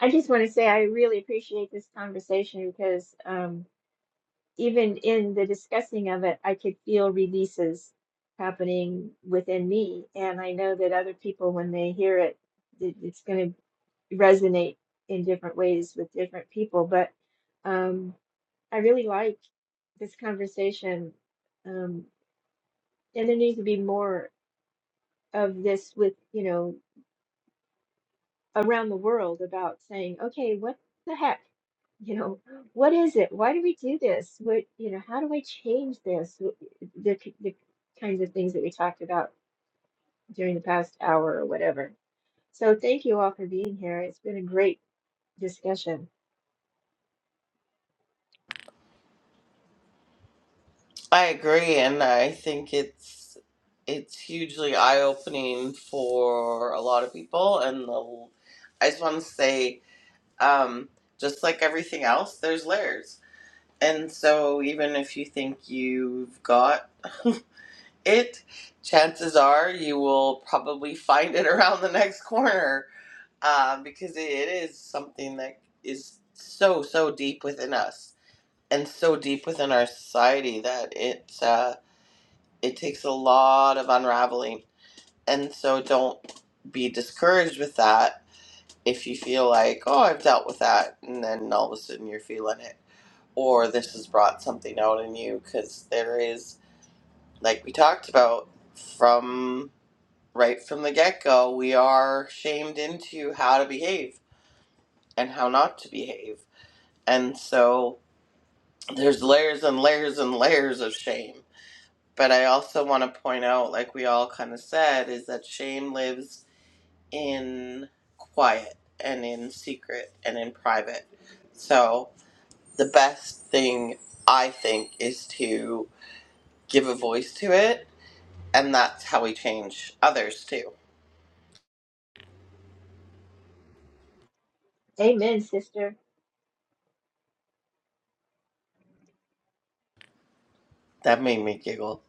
Speaker 4: I just want to say I really appreciate this conversation because um, even in the discussing of it, I could feel releases happening within me, and I know that other people, when they hear it, it it's going to resonate in different ways with different people. But um, I really like this conversation. Um, and there needs to be more of this with, you know, around the world about saying, okay, what the heck? You know, what is it? Why do we do this? What, you know, how do I change this? Wh- The, k- the kinds of things that we talked about during the past hour or whatever. So thank you all for being here. It's been a great discussion.
Speaker 1: I agree, and I think it's it's hugely eye opening for a lot of people. And the, I just want to say, um, just like everything else, there's layers. And so, even if you think you've got it, chances are you will probably find it around the next corner uh, because it it is something that is so so deep within us and so deep within our society that it it takes a lot of unraveling. And so don't be discouraged with that if you feel like, oh, I've dealt with that. And then all of a sudden you're feeling it. Or this has brought something out in you because there is, like we talked about from right from the get go, we are shamed into how to behave and how not to behave. And so there's layers and layers and layers of shame. But I also want to point out, like we all kind of said, is that shame lives in quiet and in secret and in private. So the best thing I think is to give a voice to it, and that's how we change others too.
Speaker 4: Amen, sister.
Speaker 1: That made me giggle.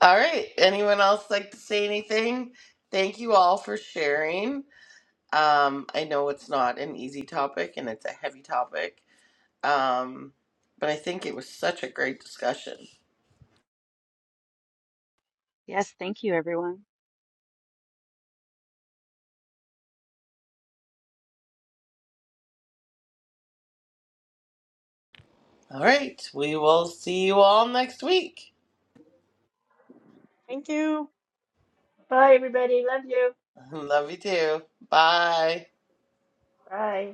Speaker 1: All right, anyone else like to say anything? Thank you all for sharing. Um, I know it's not an easy topic and it's a heavy topic, um, but I think it was such a great discussion.
Speaker 5: Yes, thank you, everyone.
Speaker 1: All right, we will see you all next week.
Speaker 3: Thank you.
Speaker 4: Bye, everybody. Love you.
Speaker 1: Love you too. Bye.
Speaker 4: Bye.